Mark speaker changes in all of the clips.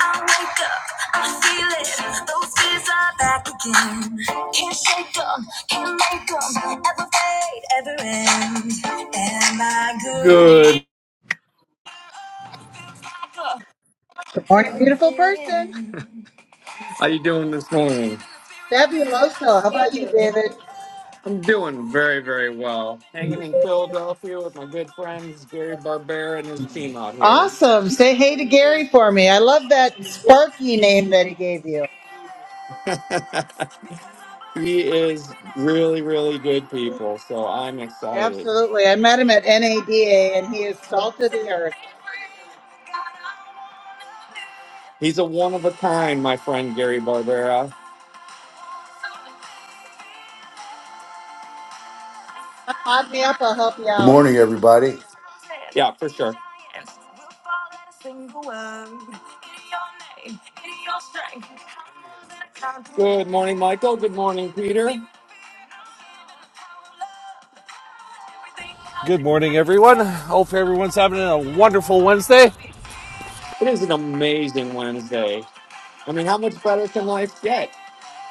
Speaker 1: I wake up, I feel it. Those fears are back again. Can't shake them, can't make them. Ever fade, ever end. Am I good?
Speaker 2: Good morning, beautiful person.
Speaker 1: Good. How you doing this morning?
Speaker 2: Fabuloso. How about you, David?
Speaker 1: I'm doing very, very well. Hanging in Philadelphia with my good friends Gary Barbera and his team out here.
Speaker 2: Awesome. Say hey to Gary for me. I love that Sparky name that he gave you.
Speaker 1: he is really, really good people, so I'm excited.
Speaker 2: Absolutely. I met him at NADA and he is salt of the earth.
Speaker 1: He's a one of a kind, my friend Gary Barbera.
Speaker 2: Hot me up, I'll help you
Speaker 3: Good
Speaker 2: out.
Speaker 3: morning, everybody.
Speaker 1: Yeah, for sure. Good morning, Michael. Good morning, Peter.
Speaker 4: Good morning, everyone. Hope everyone's having a wonderful Wednesday.
Speaker 1: It is an amazing Wednesday. I mean, how much better can life get?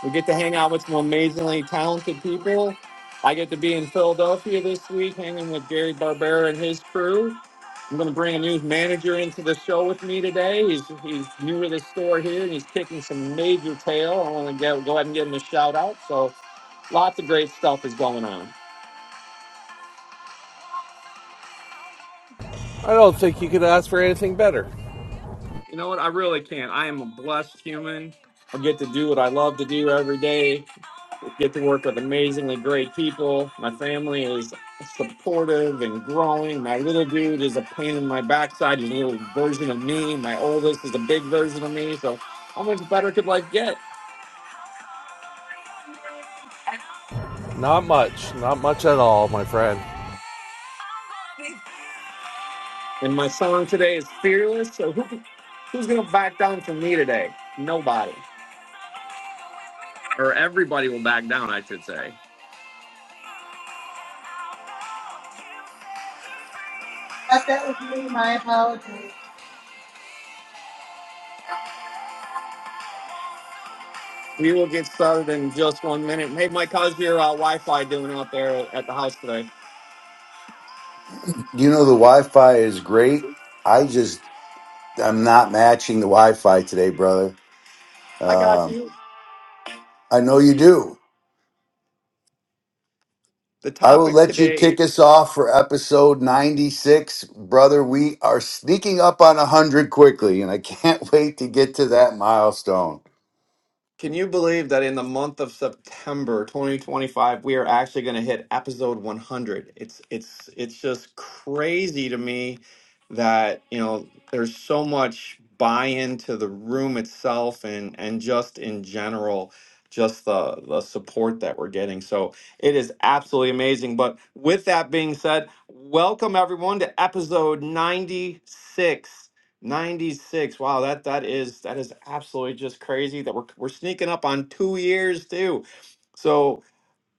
Speaker 1: We get to hang out with some amazingly talented people. I get to be in Philadelphia this week, hanging with Gary Barbera and his crew. I'm going to bring a new manager into the show with me today. He's he's new to the store here, and he's kicking some major tail. I want to get, go ahead and give him a shout out. So, lots of great stuff is going on.
Speaker 4: I don't think you could ask for anything better.
Speaker 1: You know what? I really can't. I am a blessed human. I get to do what I love to do every day. Get to work with amazingly great people. My family is supportive and growing. My little dude is a pain in my backside. He's a little version of me. My oldest is a big version of me. So how much better could life get?
Speaker 4: Not much. Not much at all, my friend.
Speaker 1: And my song today is Fearless. So who, who's going to back down from me today? Nobody. Or everybody will back down, I should say.
Speaker 2: Thought that was me, my apologies.
Speaker 1: We will get started in just one minute. Hey, Mike, how's your uh, Wi Fi doing out there at the house today?
Speaker 3: You know, the Wi Fi is great. I just, I'm not matching the Wi Fi today, brother.
Speaker 1: I got
Speaker 3: Um,
Speaker 1: you.
Speaker 3: I know you do.
Speaker 1: The
Speaker 3: I will
Speaker 1: topic
Speaker 3: let you
Speaker 1: today.
Speaker 3: kick us off for episode 96. Brother, we are sneaking up on 100 quickly, and I can't wait to get to that milestone.
Speaker 1: Can you believe that in the month of September 2025, we are actually going to hit episode 100? It's it's it's just crazy to me that you know there's so much buy-in to the room itself and and just in general, just the the support that we're getting. So it is absolutely amazing. But with that being said, welcome everyone to episode 96. 96. Wow, that that is that is absolutely just crazy that we're we're sneaking up on two years too. So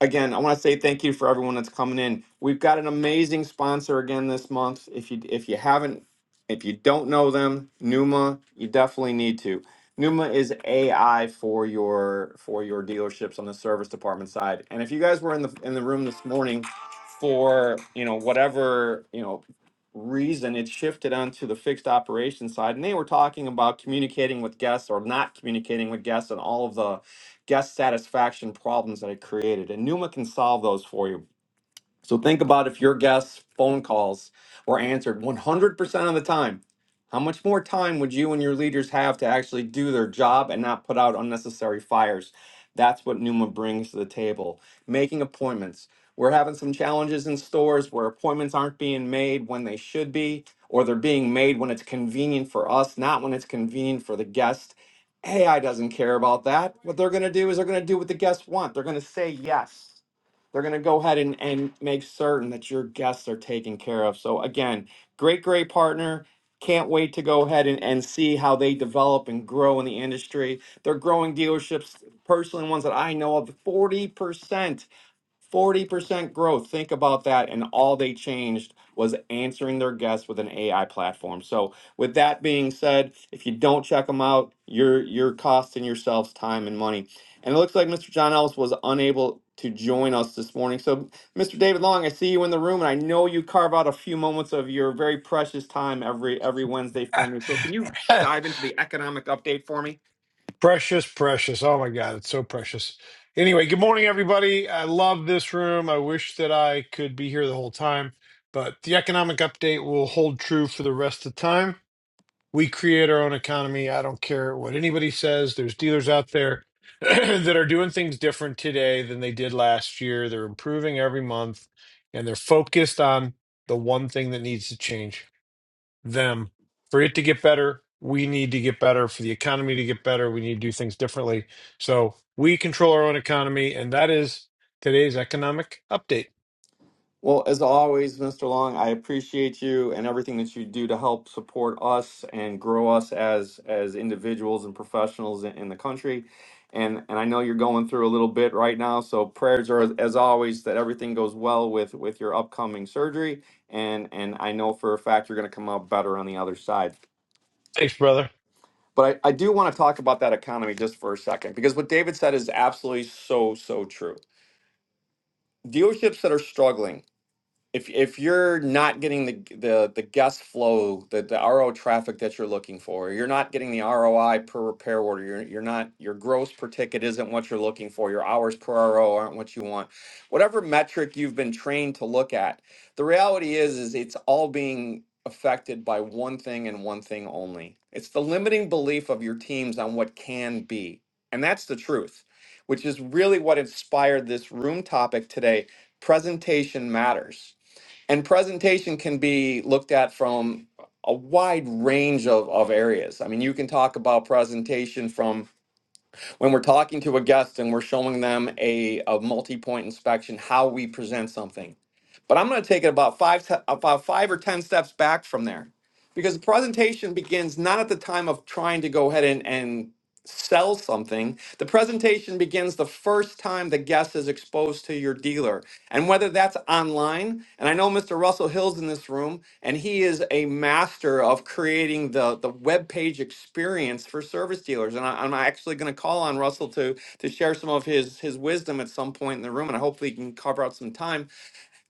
Speaker 1: again, I want to say thank you for everyone that's coming in. We've got an amazing sponsor again this month. If you if you haven't, if you don't know them, Numa, you definitely need to. Numa is AI for your for your dealerships on the service department side. And if you guys were in the in the room this morning for, you know, whatever, you know, reason it shifted onto the fixed operations side and they were talking about communicating with guests or not communicating with guests and all of the guest satisfaction problems that it created. And Numa can solve those for you so think about if your guests' phone calls were answered 100% of the time, how much more time would you and your leaders have to actually do their job and not put out unnecessary fires? That's what Numa brings to the table. Making appointments. We're having some challenges in stores where appointments aren't being made when they should be, or they're being made when it's convenient for us, not when it's convenient for the guest. AI doesn't care about that. What they're going to do is they're going to do what the guests want. They're going to say yes they're going to go ahead and, and make certain that your guests are taken care of. So, again, great, great partner. Can't wait to go ahead and, and see how they develop and grow in the industry. They're growing dealerships, personally, ones that I know of 40%. 40% growth. Think about that. And all they changed was answering their guests with an AI platform. So with that being said, if you don't check them out, you're you're costing yourselves time and money. And it looks like Mr. John Ellis was unable to join us this morning. So Mr. David Long, I see you in the room and I know you carve out a few moments of your very precious time every every Wednesday for me. So can you dive into the economic update for me?
Speaker 5: precious, precious. Oh my God, it's so precious. Anyway, good morning, everybody. I love this room. I wish that I could be here the whole time, but the economic update will hold true for the rest of the time. We create our own economy. I don't care what anybody says. There's dealers out there that are doing things different today than they did last year. They're improving every month and they're focused on the one thing that needs to change. them for it to get better we need to get better for the economy to get better we need to do things differently so we control our own economy and that is today's economic update
Speaker 1: Well, as always, Mr. Long, I appreciate you and everything that you do to help support us and grow us as as individuals and professionals in, in the country. And and I know you're going through a little bit right now, so prayers are as always that everything goes well with with your upcoming surgery. And and I know for a fact you're going to come out better on the other side.
Speaker 5: thanks brother
Speaker 1: But I, I do want to talk about that economy just for a second because what David said is absolutely so so true. Dealerships that are struggling if if you're not getting the the the guest flow, the the RO traffic that you're looking for, you're not getting the ROI per repair order. You're you're not your gross per ticket isn't what you're looking for. Your hours per RO aren't what you want. Whatever metric you've been trained to look at, the reality is is it's all being affected by one thing and one thing only. It's the limiting belief of your teams on what can be. And that's the truth, which is really what inspired this room topic today. Presentation matters and presentation can be looked at from a wide range of, of areas. I mean, you can talk about presentation from when we're talking to a guest and we're showing them a, a multi-point inspection, how we present something. But I'm going to take it about five, te- about five or 10 steps back from there because the presentation begins not at the time of trying to go ahead and and sell something, the presentation begins the first time the guest is exposed to your dealer. And whether that's online, and I know Mr. Russell Hill's in this room, and he is a master of creating the, the web page experience for service dealers. And I, am actually going to call on Russell to, to share some of his, his wisdom at some point in the room, and hopefully he can carve out some time.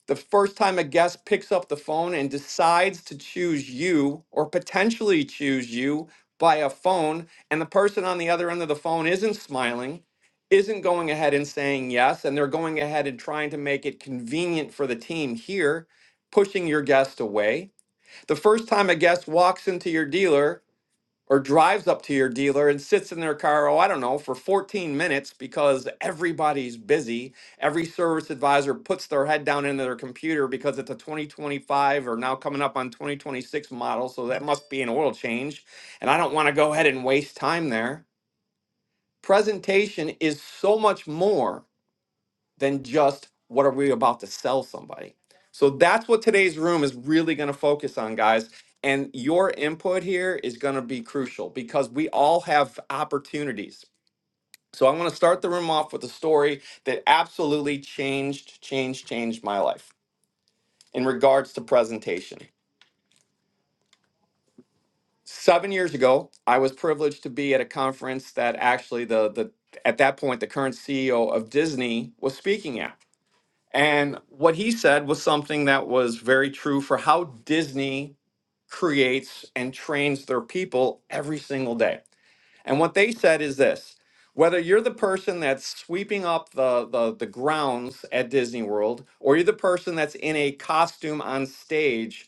Speaker 1: The first time a guest picks up the phone and decides to choose you or potentially choose you by a phone, and the person on the other end of the phone isn't smiling, isn't going ahead and saying yes, and they're going ahead and trying to make it convenient for the team here, pushing your guest away. The first time a guest walks into your dealer or drives up to your dealer and sits in their car, oh, I don't know, for 14 minutes because everybody's busy. Every service advisor puts their head down into their computer because it's a 2025 or now coming up on 2026 model. So that must be an oil change. And I don't want to go ahead and waste time there. Presentation is so much more than just what are we about to sell somebody. So that's what today's room is really going to focus on, guys. And your input here is going to be crucial because we all have opportunities. So I'm going to start the room off with a story that absolutely changed, changed, changed my life in regards to presentation. Seven years ago, I was privileged to be at a conference that actually the the at that point the current CEO of Disney was speaking at. And what he said was something that was very true for how Disney creates and trains their people every single day. And what they said is this whether you're the person that's sweeping up the, the, the grounds at Disney World, or you're the person that's in a costume on stage,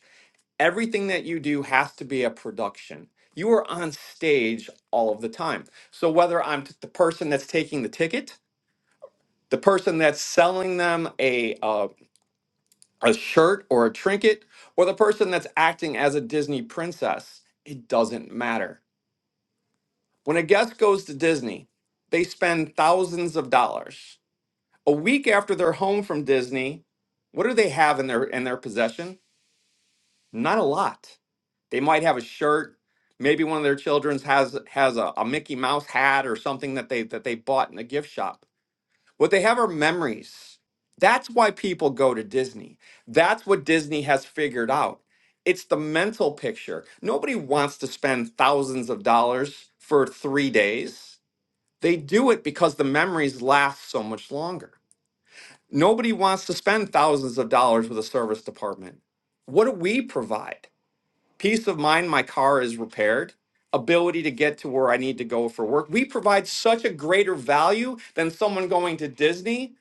Speaker 1: everything that you do has to be a production. You are on stage all of the time. So whether I'm t- the person that's taking the ticket, the person that's selling them a, a shirt or a trinket or the person that's acting as a Disney princess. It doesn't matter. When a guest goes to Disney, they spend thousands of dollars. A week after they're home from Disney, what do they have in their in their possession? Not a lot. They might have a shirt, maybe one of their children's has has a, a Mickey Mouse hat or something that they that they bought in the gift shop What they have are memories. That's why people go to Disney. That's what Disney has figured out. It's the mental picture. Nobody wants to spend thousands of dollars for three days. They do it because the memories last so much longer. Nobody wants to spend thousands of dollars with a service department. What do we provide? Peace of mind, my car is repaired ability to get to where I need to go for work. We provide such a greater value than someone going to Disney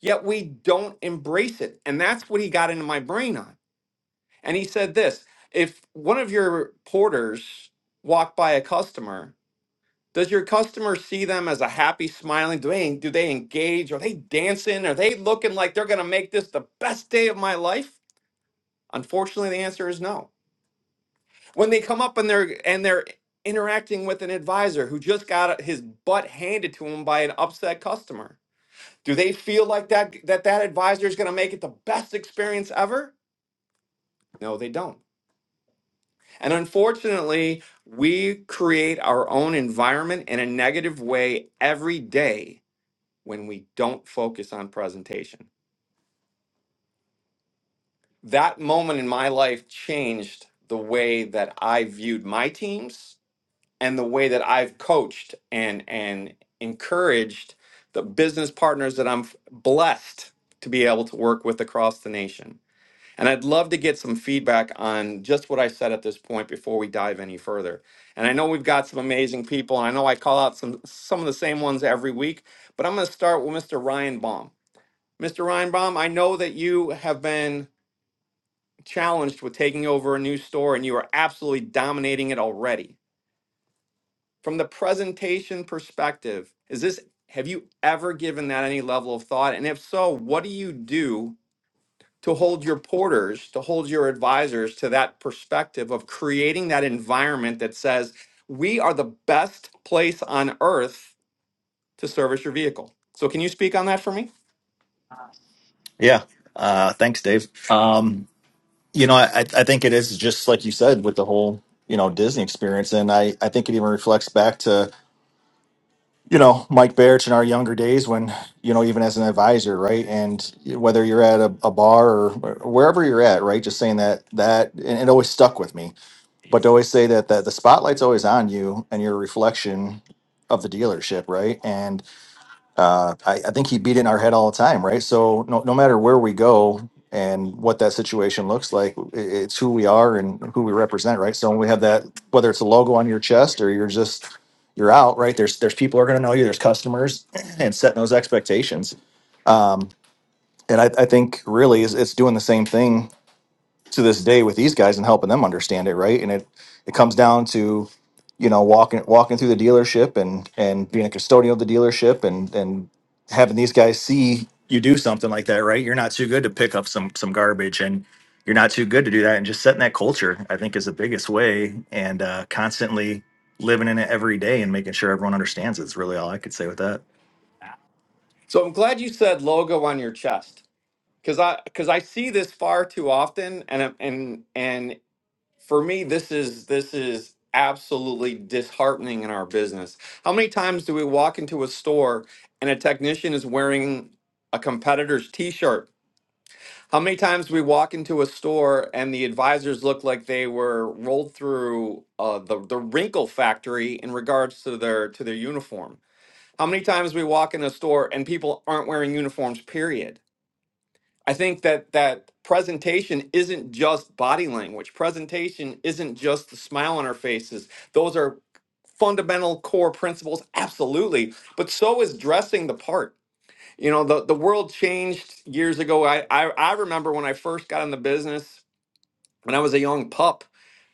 Speaker 1: yet we don't embrace it. And that's what he got into my brain on. And he said this if one of your porters walk by a customer, does your customer see them as a happy, smiling? Do they do they engage? Are they dancing? Are they looking like they're gonna make this the best day of my life? Unfortunately, the answer is no. When they come up and they're and they're interacting with an advisor who just got his butt handed to him by an upset customer, Do they feel like that that that advisor is going to make it the best experience ever? No, they don't. And unfortunately, we create our own environment in a negative way every day when we don't focus on presentation. That moment in my life changed the way that I viewed my teams and the way that I've coached and and encouraged the business partners that I'm blessed to be able to work with across the nation. And I'd love to get some feedback on just what I said at this point before we dive any further. And I know we've got some amazing people, and I know I call out some some of the same ones every week, but I'm going to start with Mr. Ryan Baum. Mr. Ryan Baum, I know that you have been challenged with taking over a new store and you are absolutely dominating it already. From the presentation perspective, is this have you ever given that any level of thought? And if so, what do you do to hold your porters, to hold your advisors to that perspective of creating that environment that says, we are the best place on earth to service your vehicle. So, can you speak on that for me?
Speaker 6: Yeah. Uh, thanks, Dave. Um, you know, I, I think it is just like you said with the whole, you know, Disney experience. And I, I think it even reflects back to, you know, Mike Barrett in our younger days when, you know, even as an advisor, right? And whether you're at a, a bar or wherever you're at, right? Just saying that, that, and it always stuck with me. But to always say that, that the spotlight's always on you and your reflection of the dealership, right? And uh, I, I think he beat it in our head all the time, right? So no, no matter where we go and what that situation looks like, i- it's who we are and who we represent, right? So when we have that, whether it's a logo on your chest or you're just you're out, right? There's there's people who are going to know you. There's customers, and setting those expectations. Um, and I, I think really is it's doing the same thing to this day with these guys and helping them understand it, right? And it it comes down to you know walking walking through the dealership and and being a custodian of the dealership and and having these guys see you do something like that, right? You're not too good to pick up some some garbage and you're not too good to do that and just setting that culture I think is the biggest way and uh constantly living in it every day and making sure everyone understands it is really all I could say with that.
Speaker 1: So, I'm glad you said logo on your chest because I because I see this far too often, and I'm- and and for me this is this is absolutely disheartening in our business how many times do we walk into a store and a technician is wearing a competitor's t-shirt how many times do we walk into a store and the advisors look like they were rolled through uh, the, the wrinkle factory in regards to their to their uniform how many times we walk in a store and people aren't wearing uniforms period I think that that presentation isn't just body language. Presentation isn't just the smile on our faces. Those are fundamental core principles, absolutely. But so is dressing the part. You know, the, the world changed years ago. I, I I remember when I first got in the business when I was a young pup.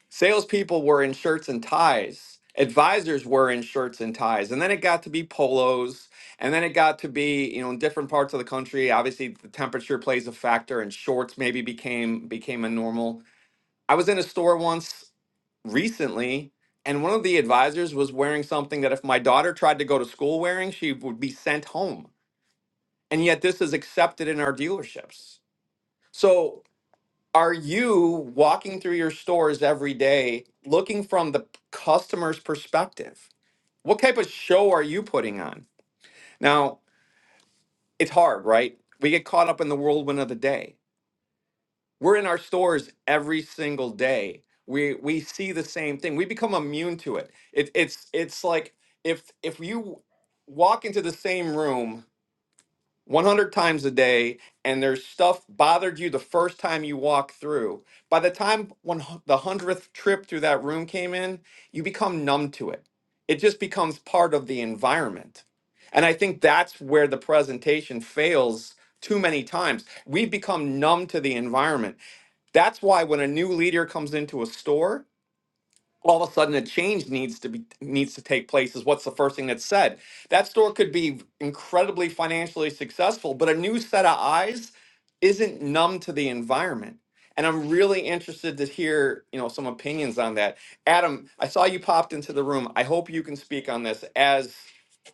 Speaker 1: Salespeople were in shirts and ties. Advisors were in shirts and ties. And then it got to be polos. And then it got to be, you know, in different parts of the country, obviously the temperature plays a factor and shorts maybe became became a normal. I was in a store once recently and one of the advisors was wearing something that if my daughter tried to go to school wearing she would be sent home and yet this is accepted in our dealerships so are you walking through your stores every day looking from the customer's perspective? What type of show are you putting on? Now, it's hard, right? We get caught up in the whirlwind of the day. We're in our stores every single day. We we see the same thing. We become immune to it. it it's it's like if if you walk into the same room 100 times a day and there's stuff bothered you the first time you walk through by the time one, hu- the 100th trip through that room came in you become numb to it it just becomes part of the environment and i think that's where the presentation fails too many times we become numb to the environment that's why when a new leader comes into a store all of a sudden a change needs to be needs to take place is what's the first thing that's said that store could be incredibly financially successful but a new set of eyes isn't numb to the environment and i'm really interested to hear you know some opinions on that adam i saw you popped into the room i hope you can speak on this as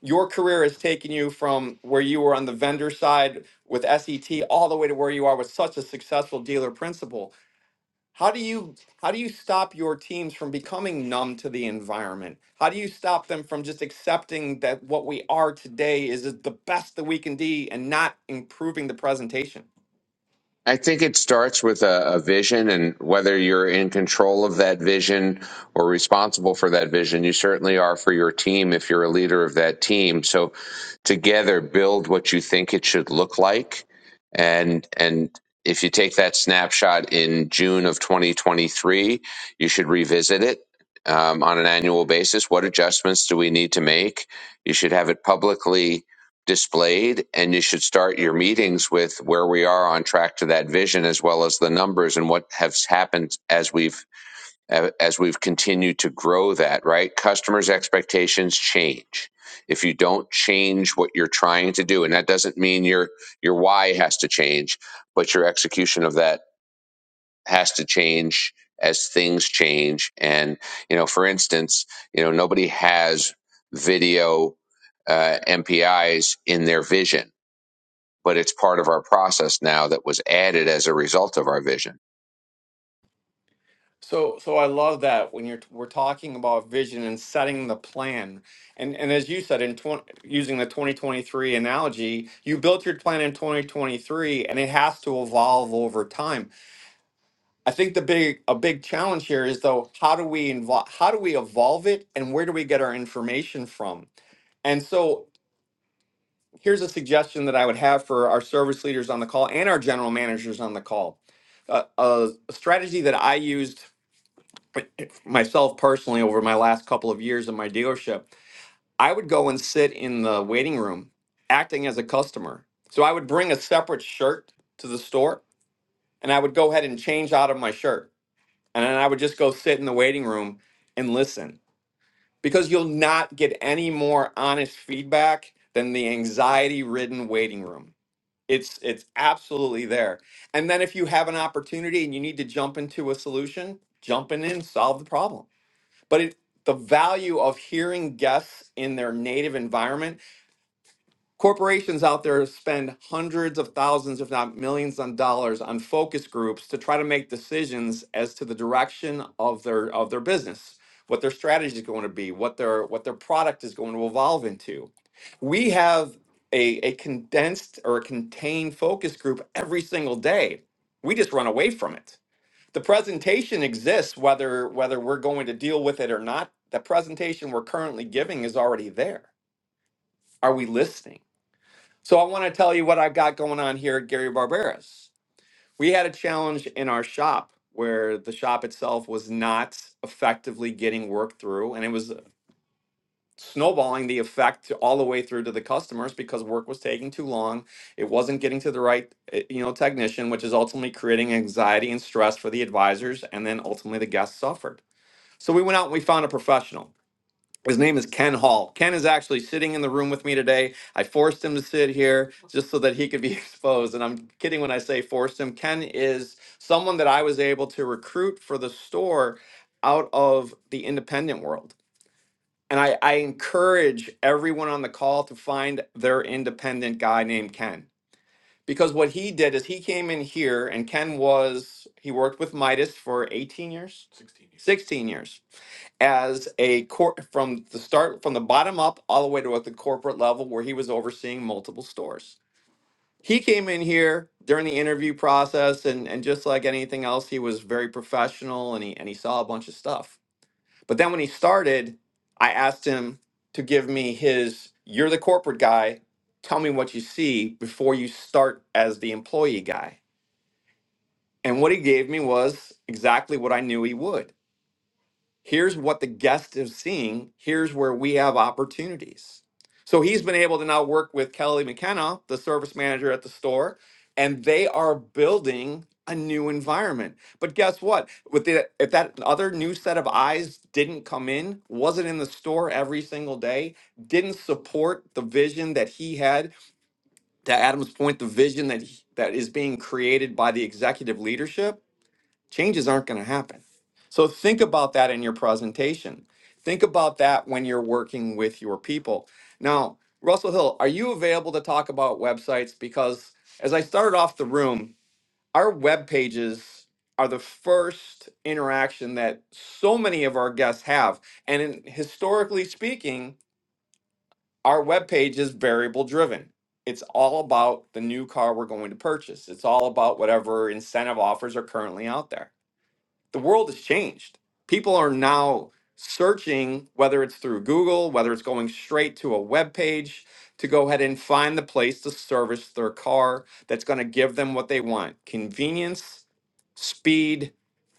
Speaker 1: your career has taken you from where you were on the vendor side with set all the way to where you are with such a successful dealer principal how do you how do you stop your teams from becoming numb to the environment? How do you stop them from just accepting that what we are today is is the best that we can be and not improving the presentation?
Speaker 7: I think it starts with a, a vision, and whether you're in control of that vision or responsible for that vision, you certainly are for your team if you're a leader of that team. So together build what you think it should look like and and if you take that snapshot in June of 2023, you should revisit it um, on an annual basis. What adjustments do we need to make? You should have it publicly displayed, and you should start your meetings with where we are on track to that vision, as well as the numbers and what has happened as we've as we've continued to grow that, right? Customers' expectations change. If you don't change what you're trying to do, and that doesn't mean your your why has to change, but your execution of that has to change as things change. And you know, for instance, you know, nobody has video uh, MPIs in their vision, but it's part of our process now that was added as a result of our vision.
Speaker 1: So so I love that when you're we're talking about vision and setting the plan. And and as you said in 20, using the 2023 analogy, you built your plan in 2023 and it has to evolve over time. I think the big a big challenge here is though how do we involve how do we evolve it and where do we get our information from? And so here's a suggestion that I would have for our service leaders on the call and our general managers on the call. Uh, a a strategy that I used myself personally over my last couple of years in my dealership, I would go and sit in the waiting room acting as a customer. So I would bring a separate shirt to the store and I would go ahead and change out of my shirt. and then I would just go sit in the waiting room and listen because you'll not get any more honest feedback than the anxiety ridden waiting room. It's it's absolutely there. And then if you have an opportunity and you need to jump into a solution, jumping in, solve the problem. But it, the value of hearing guests in their native environment Corporations out there spend hundreds of thousands, if not millions, on dollars on focus groups to try to make decisions as to the direction of their of their business, what their strategy is going to be, what their what their product is going to evolve into. We have a, a condensed or a contained focus group every single day. We just run away from it. The presentation exists whether whether we're going to deal with it or not. The presentation we're currently giving is already there. Are we listening? So I want to tell you what I've got going on here at Gary Barberis. We had a challenge in our shop where the shop itself was not effectively getting work through and it was snowballing the effect all the way through to the customers because work was taking too long it wasn't getting to the right eh, you know technician which is ultimately creating anxiety and stress for the advisors and then ultimately the guests suffered so we went out and we found a professional his name is Ken Hall. Ken is actually sitting in the room with me today. I forced him to sit here just so that he could be exposed. And I'm kidding when I say forced him. Ken is someone that I was able to recruit for the store out of the independent world. And I, I encourage everyone on the call to find their independent guy named Ken. Because what he did is he came in here, and Ken was, he worked with Midas for 18 years? 16 years. 16 years as a cor- from the start from the bottom up all the way to at the corporate level where he was overseeing multiple stores he came in here during the interview process and and just like anything else he was very professional and he and he saw a bunch of stuff but then when he started i asked him to give me his you're the corporate guy tell me what you see before you start as the employee guy and what he gave me was exactly what i knew he would Here's what the guest is seeing. Here's where we have opportunities. So he's been able to now work with Kelly McKenna, the service manager at the store, and they are building a new environment. But guess what? With the, if that other new set of eyes didn't come in, wasn't in the store every single day, didn't support the vision that he had, to Adam's point, the vision that he, that is being created by the executive leadership, Changes aren't going to happen. So think about that in your presentation. Think about that when you're working with your people. Now, Russell Hill, are you available to talk about websites? Because as I started off the room, our web pages are the first interaction that so many of our guests have. And in, historically speaking, our web page is variable driven. It's all about the new car we're going to purchase. It's all about whatever incentive offers are currently out there the world has changed. People are now searching, whether it's through Google, whether it's going straight to a web page, to go ahead and find the place to service their car that's going to give them what they want: convenience, speed,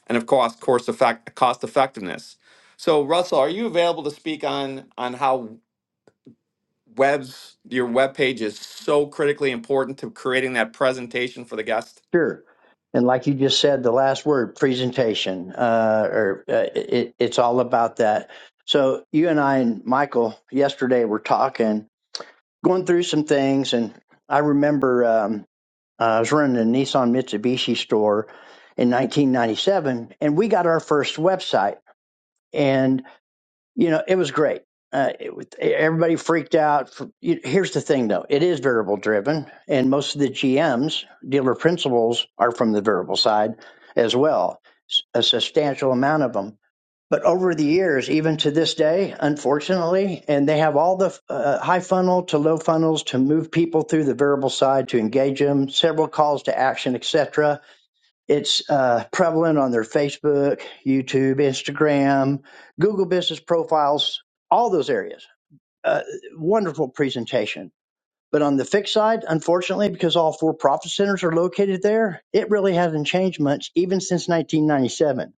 Speaker 1: and of course, course effect, cost effectiveness. So, Russell, are you available to speak on on how webs your web page is so critically important to creating that presentation for the guest?
Speaker 8: Sure. And like you just said, the last word, presentation, uh, or uh, it, it's all about that. So you and I and Michael yesterday were talking, going through some things, and I remember um, uh, I was running a Nissan Mitsubishi store in 1997, and we got our first website. and you know, it was great. Uh, it, was- everybody freaked out. For, you, here's the thing, though: it is variable driven, and most of the GMs, dealer principals, are from the variable side as well, s- a substantial amount of them. But over the years, even to this day, unfortunately, and they have all the uh, high funnel to low funnels to move people through the variable side to engage them, several calls to action, etc it's uh, prevalent on their Facebook, YouTube, Instagram, Google business profiles, all those areas. Uh, wonderful presentation. But on the fixed side, unfortunately, because all four profit centers are located there, it really hasn't changed much even since 1997.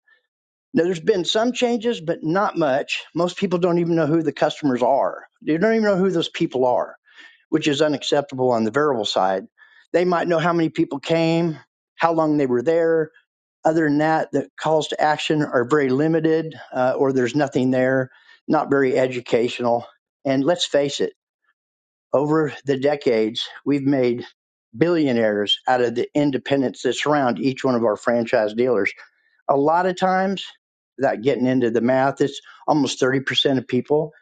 Speaker 8: Now, there's been some changes, but not much. Most people don't even know who the customers are. They don't even know who those people are, which is unacceptable on the variable side. They might know how many people came, how long they were there, other than that, the calls to action are very limited, uh, or there's nothing there, not very educational. And let's face it, over the decades, we've made billionaires out of the independents that surround each one of our franchise dealers. A lot of times, without getting into the math, it's almost 30% of people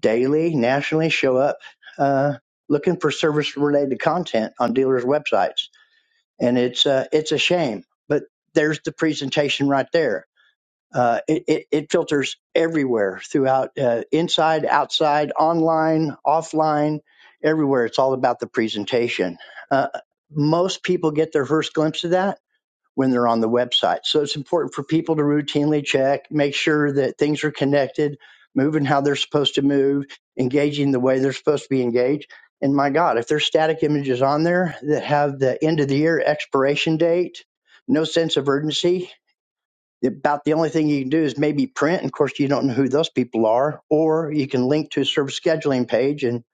Speaker 8: daily, nationally show up uh, looking for service related content on dealers' websites. And it's, uh, it's a shame, but there's the presentation right there uh, it, it, it filters everywhere throughout, uh, inside, outside, online, offline, everywhere. It's all about the presentation. Uh, most people get their first glimpse of that when they're on the website. So it's important for people to routinely check, make sure that things are connected, moving how they're supposed to move, engaging the way they're supposed to be engaged. And my God, if there's static images on there that have the end of the year expiration date, no sense of urgency, about the only thing you can do is maybe print. And of course, you don't know who those people are, or you can link to a service scheduling page and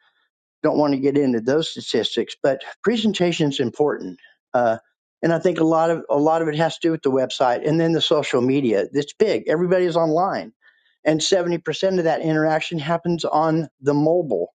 Speaker 8: don't want to get into those statistics. But presentation is important. Uh, and I think a lot of a lot of it has to do with the website and then the social media. It's big. Everybody's online. And 70% of that interaction happens on the mobile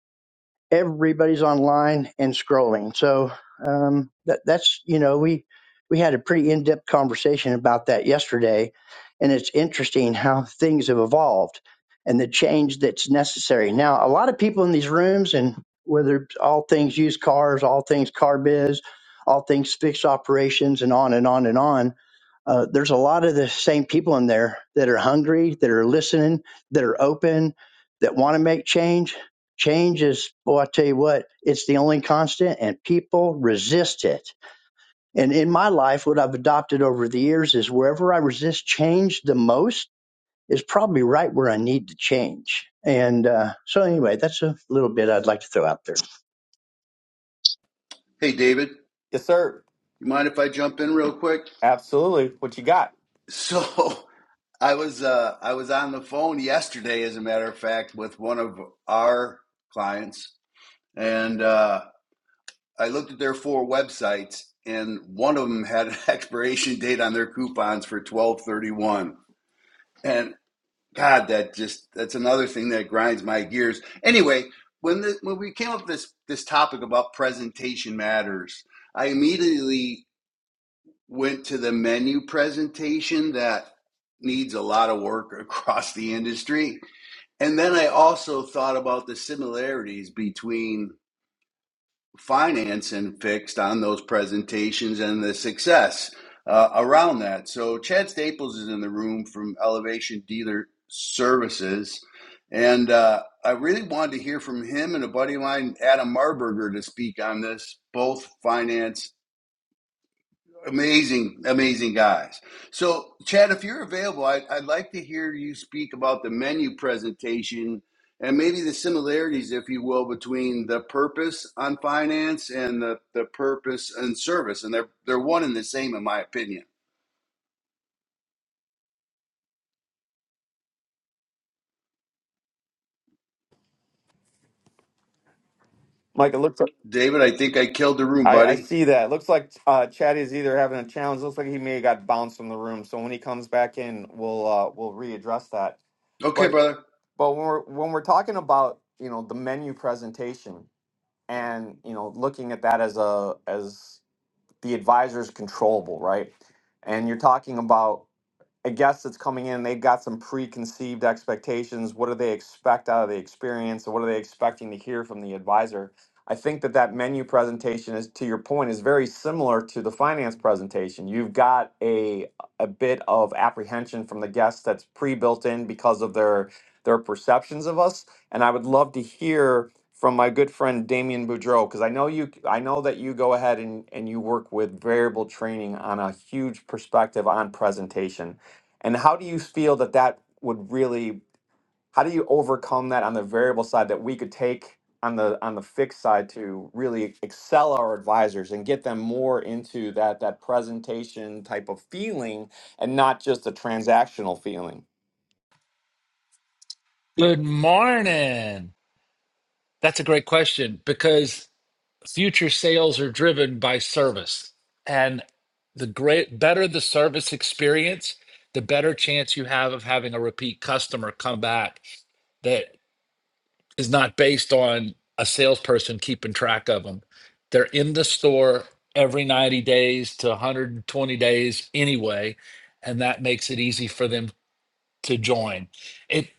Speaker 8: everybody's online and scrolling. So um, that, that's you know we we had a pretty in depth conversation about that yesterday, and it's interesting how things have evolved and the change that's necessary. Now, a lot of people in these rooms, and whether it's all things used cars, all things car biz, all things fixed operations, and on and on and on uh, there's a lot of the same people in there that are hungry, that are listening, that are open, that want to make change. Change is, well, I tell you what, it's the only constant, and people resist it. And in my life, what I've adopted over the years is wherever I resist change the most is probably right where I need to change. And uh, so, anyway, that's a little bit I'd like to throw out there.
Speaker 3: Hey, David,
Speaker 1: Yes, sir.
Speaker 3: you mind if I jump in real quick?
Speaker 1: Absolutely. What you got,
Speaker 3: So, I was uh, I was on the phone yesterday, as a matter of fact, with one of our clients, and uh, I looked at their four websites, and one of them had an expiration date on their coupons for twelve thirty one. And God, that just that's another thing that grinds my gears. Anyway, when the, when we came up with this this topic about presentation matters, I immediately went to the menu presentation that needs a lot of work across the industry. And then I also thought about the similarities between financing fixed on those presentations and the success uh, around that. So Chad Staples is in the room from Elevation Dealer Services, and uh, I really wanted to hear from him and a buddy of mine, Adam Marburger, to speak on this, both finance Amazing, amazing guys. So, Chad, if you're available, I, I'd like to hear you speak about the menu presentation and maybe the similarities, if you will, between the purpose on finance and the, the purpose and service. And they're, they're one and the same, in my opinion.
Speaker 1: Mike? It looks.
Speaker 3: David, I think I killed the room,
Speaker 1: I, I
Speaker 3: buddy.
Speaker 1: see that. Looks like uh, Chad is either having a challenge. Looks like he may have got bounced from the room. So when he comes back in, we'll uh, we'll readdress that.
Speaker 3: Okay,
Speaker 1: But
Speaker 3: brother.
Speaker 1: but when we're when we're talking about you know the menu presentation and you know looking at that as a as the advisor is controllable, right? And you're talking about a guest that's coming in, they've got some preconceived expectations. What do they expect out of the experience? what are they expecting to hear from the advisor? I think that that menu presentation is, to your point, is very similar to the finance presentation. You've got a a bit of apprehension from the guest that's pre-built in because of their their perceptions of us. And I would love to hear from my good friend Damien Boudreau, because I know you I know that you go ahead and, and you work with variable training on a huge perspective on presentation and how do you feel that that would really, how do you overcome that on the variable side that we could take on the on the fixed side to really excel our advisors and get them more into that that presentation type of feeling and not just the transactional feeling?
Speaker 9: Good morning. That's a great question because future sales are driven by service. And the great better the service experience, the better chance you have of having a repeat customer come back that is not based on a salesperson keeping track of them. They're in the store every 90 days to 120 days anyway, and that makes it easy for them to join. it.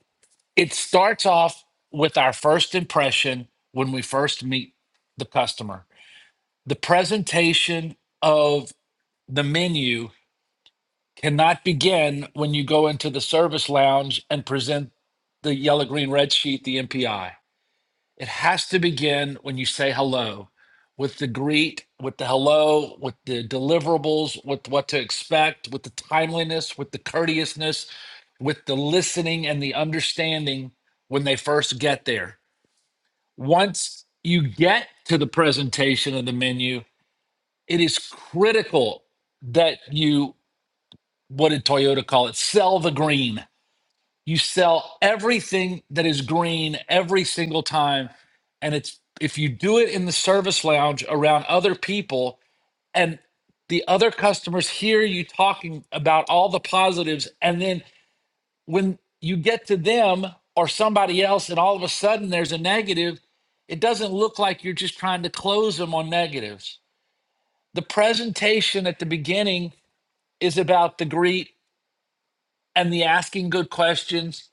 Speaker 9: it starts off with our first impression when we first meet the customer. The presentation of the menu cannot begin when you go into the service lounge and present the yellow, green, red sheet, the MPI. It has to begin when you say hello with the greet, with the hello, with the deliverables, with what to expect, with the timeliness, with the courteousness, with the listening and the understanding when they first get there once you get to the presentation of the menu, it is critical that you, what did Toyota call it? Sell the green. You sell everything that is green every single time. And it's if you do it in the service lounge around other people and the other customers hear you talking about all the positives, and then when you get to them or somebody else and all of a sudden there's a negative, it doesn't look like you're just trying to close them on negatives. The presentation at the beginning is about the greet and the asking good questions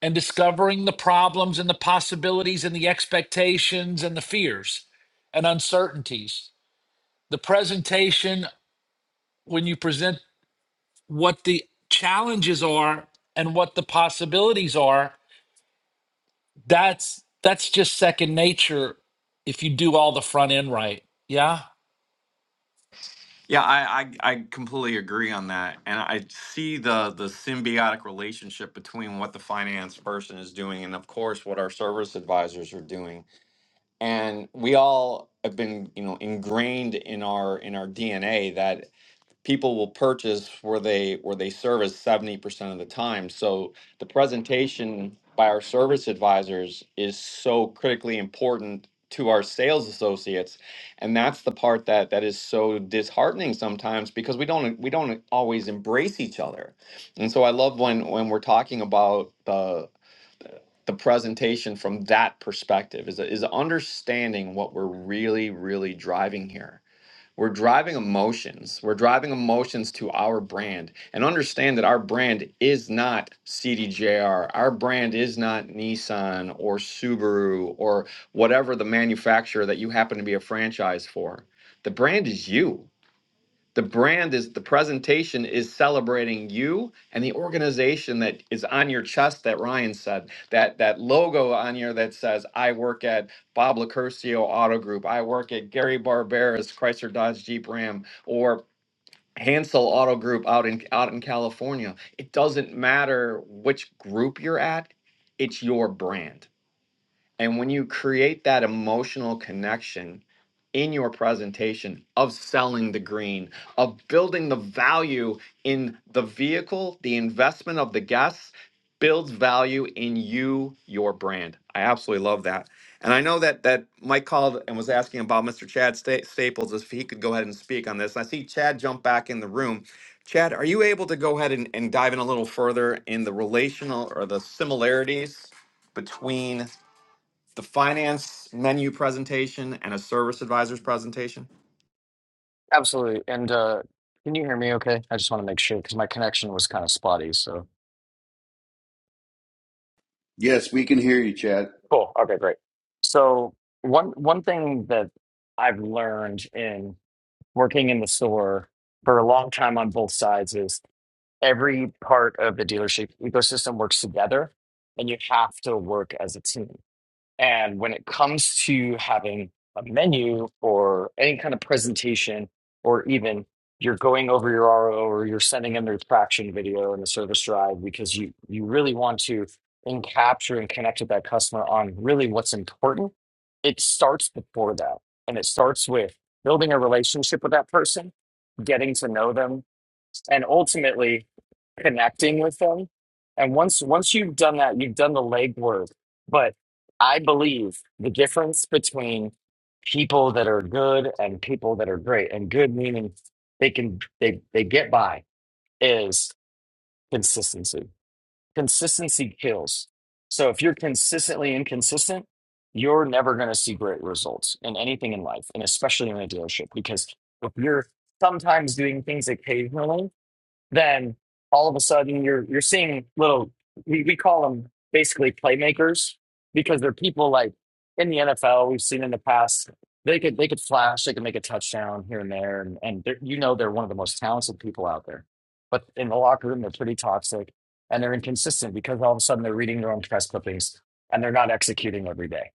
Speaker 9: and discovering the problems and the possibilities and the expectations and the fears and uncertainties. The presentation, when you present what the challenges are and what the possibilities are, That's that's just second nature if you do all the front end right. Yeah.
Speaker 1: Yeah, I, I I completely agree on that, and I see the the symbiotic relationship between what the finance person is doing and, of course, what our service advisors are doing. and we all have been you know ingrained in our in our dna that people will purchase where they where they service 70% of the time so the presentation by our service advisors is so critically important to our sales associates and that's the part that that is so disheartening sometimes because we don't we don't always embrace each other and so i love when when we're talking about the the presentation from that perspective is is understanding what we're really really driving here we're driving emotions we're driving emotions to our brand and understand that our brand is not cdjr our brand is not nissan or subaru or whatever the manufacturer that you happen to be a franchise for the brand is you the brand is the presentation is celebrating you and the organization that is on your chest that Ryan said. That that logo on here that says I work at Bob Lacurcio Auto Group, I work at Gary Barbera's Chrysler Dodge Jeep Ram or Hansel Auto Group out in out in California. It doesn't matter which group you're at, it's your brand and when you create that emotional connection in your presentation of selling the green, of building the value in the vehicle, the investment of the guests builds value in you, your brand. I absolutely love that. And I know that that Mike called and was asking about Mr. Chad Sta- Staples if he could go ahead and speak on this. I see Chad jump back in the room. Chad, are you able to go ahead and, and dive in a little further in the relational or the similarities between the finance menu presentation and a service advisor's presentation?
Speaker 10: Absolutely. And uh, can you hear me okay? I just want to make sure because my connection was kind of spotty. So
Speaker 3: Yes, we can hear you, Chad.
Speaker 10: cool. Okay, great. So one one thing that I've learned in working in the store for a long time on both sides is every part of the dealership ecosystem works together, and you have to work as a team. And when it comes to having a menu or any kind of presentation, or even you're going over your RO or you're sending in their traction video in the service drive because you, you really want to and capture and connect with that customer on really what's important, it starts before that. And it starts with building a relationship with that person, getting to know them, and ultimately connecting with them. And once once you've done that, you've done the legwork. But I believe the difference between people that are good and people that are great, and good meaning they can they they get by is consistency. Consistency kills. So if you're consistently inconsistent, you're never going to see great results in anything in life, and especially in a dealership, because if you're sometimes doing things occasionally then all of a sudden you're you're seeing little we, we call them basically playmakers because they're people like in the NFL we've seen in the past they could they could flash they could make a touchdown here and there and, and they're- you know they're one of the most talented people out there but in the locker room they're pretty toxic and they're inconsistent because all of a sudden they're reading their own press clippings and they're not executing every day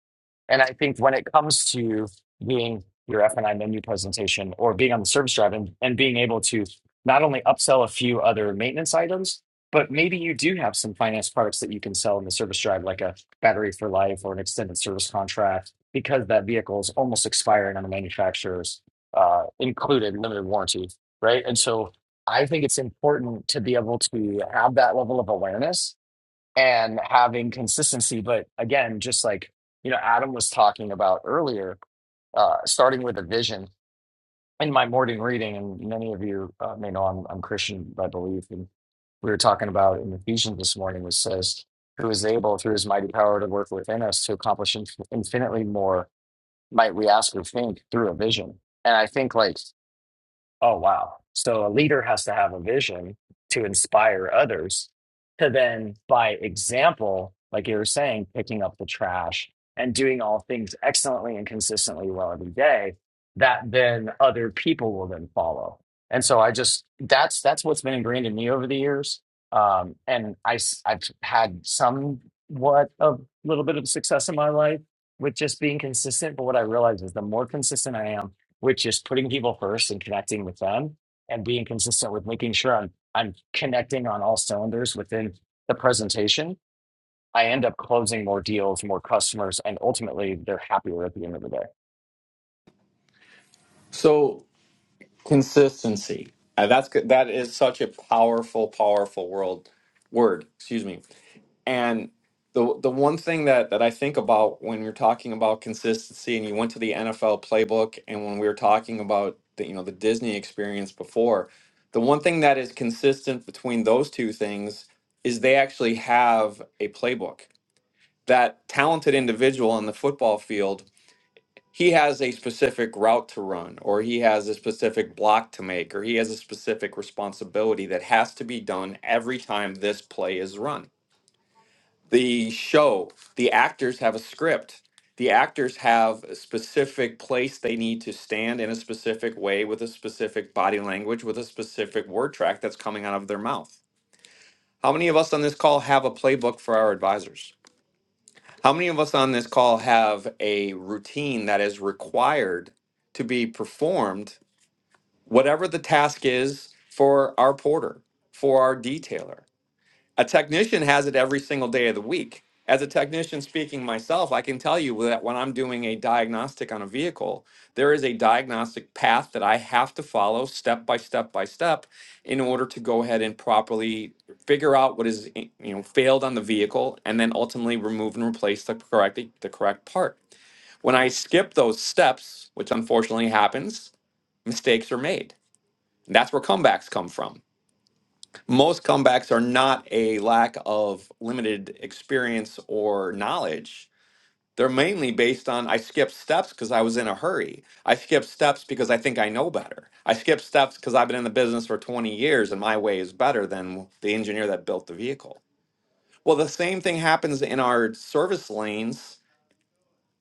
Speaker 10: and I think when it comes to doing your F&I menu presentation or being on the service drive and, and being able to not only upsell a few other maintenance items, but maybe you do have some finance products that you can sell in the service drive, like a battery for life or an extended service contract, because that vehicle is almost expiring on the manufacturer's uh, included limited warranty, right? And so I think it's important to be able to have that level of awareness and having consistency. But again, just like you know, Adam was talking about earlier, uh, starting with a vision. In my morning reading, and many of you uh, may know I'm, I'm Christian, I believe, and we were talking about in Ephesians this morning, which says, "Who is able through His mighty power to work within us to accomplish inf- infinitely more might we ask or think through a vision." And I think like Oh, wow. So a leader has to have a vision to inspire others to then, by example, like you were saying, picking up the trash and doing all things excellently and consistently well every day, that then other people will then follow. And so I just, that's, that's what's been ingrained in me over the years. Um, and I, s- I've had somewhat of a little bit of success in my life with just being consistent. But what I realize is the more consistent I am, which is putting people first and connecting with them and being consistent with making sure I'm I'm connecting on all cylinders within the presentation, I end up closing more deals, more customers, and ultimately they're happier at the end of the day.
Speaker 1: So consistency. Uh, that's good. That is such a powerful, powerful world word. Excuse me. And the the one thing that that I think about when you're talking about consistency, and you went to the NFL playbook, and when we were talking about the you know the Disney experience before, the one thing that is consistent between those two things is they actually have a playbook. That talented individual on the football field he has a specific route to run or he has a specific block to make or he has a specific responsibility that has to be done every time this play is run the show the actors have a script the actors have a specific place they need to stand in a specific way with a specific body language with a specific word track that's coming out of their mouth how many of us on this call have a playbook for our advisors how many of us on this call have a routine that is required to be performed, whatever the task is for our porter, for our detailer? A technician has it every single day of the week. As a technician speaking myself, I can tell you that when I'm doing a diagnostic on a vehicle, there is a diagnostic path that I have to follow step by step by step in order to go ahead and properly figure out what is i- you know failed on the vehicle and then ultimately remove and replace the correct the correct part. When I skip those steps, which unfortunately happens, mistakes are made. And That's where comebacks come from most comebacks are not a lack of limited experience or knowledge. They're mainly based on I skipped steps because I was in a hurry. I skipped steps because I think I know better. I skipped steps because I've been in the business for 20 years and my way is better than the engineer that built the vehicle. Well, the same thing happens in our service lanes,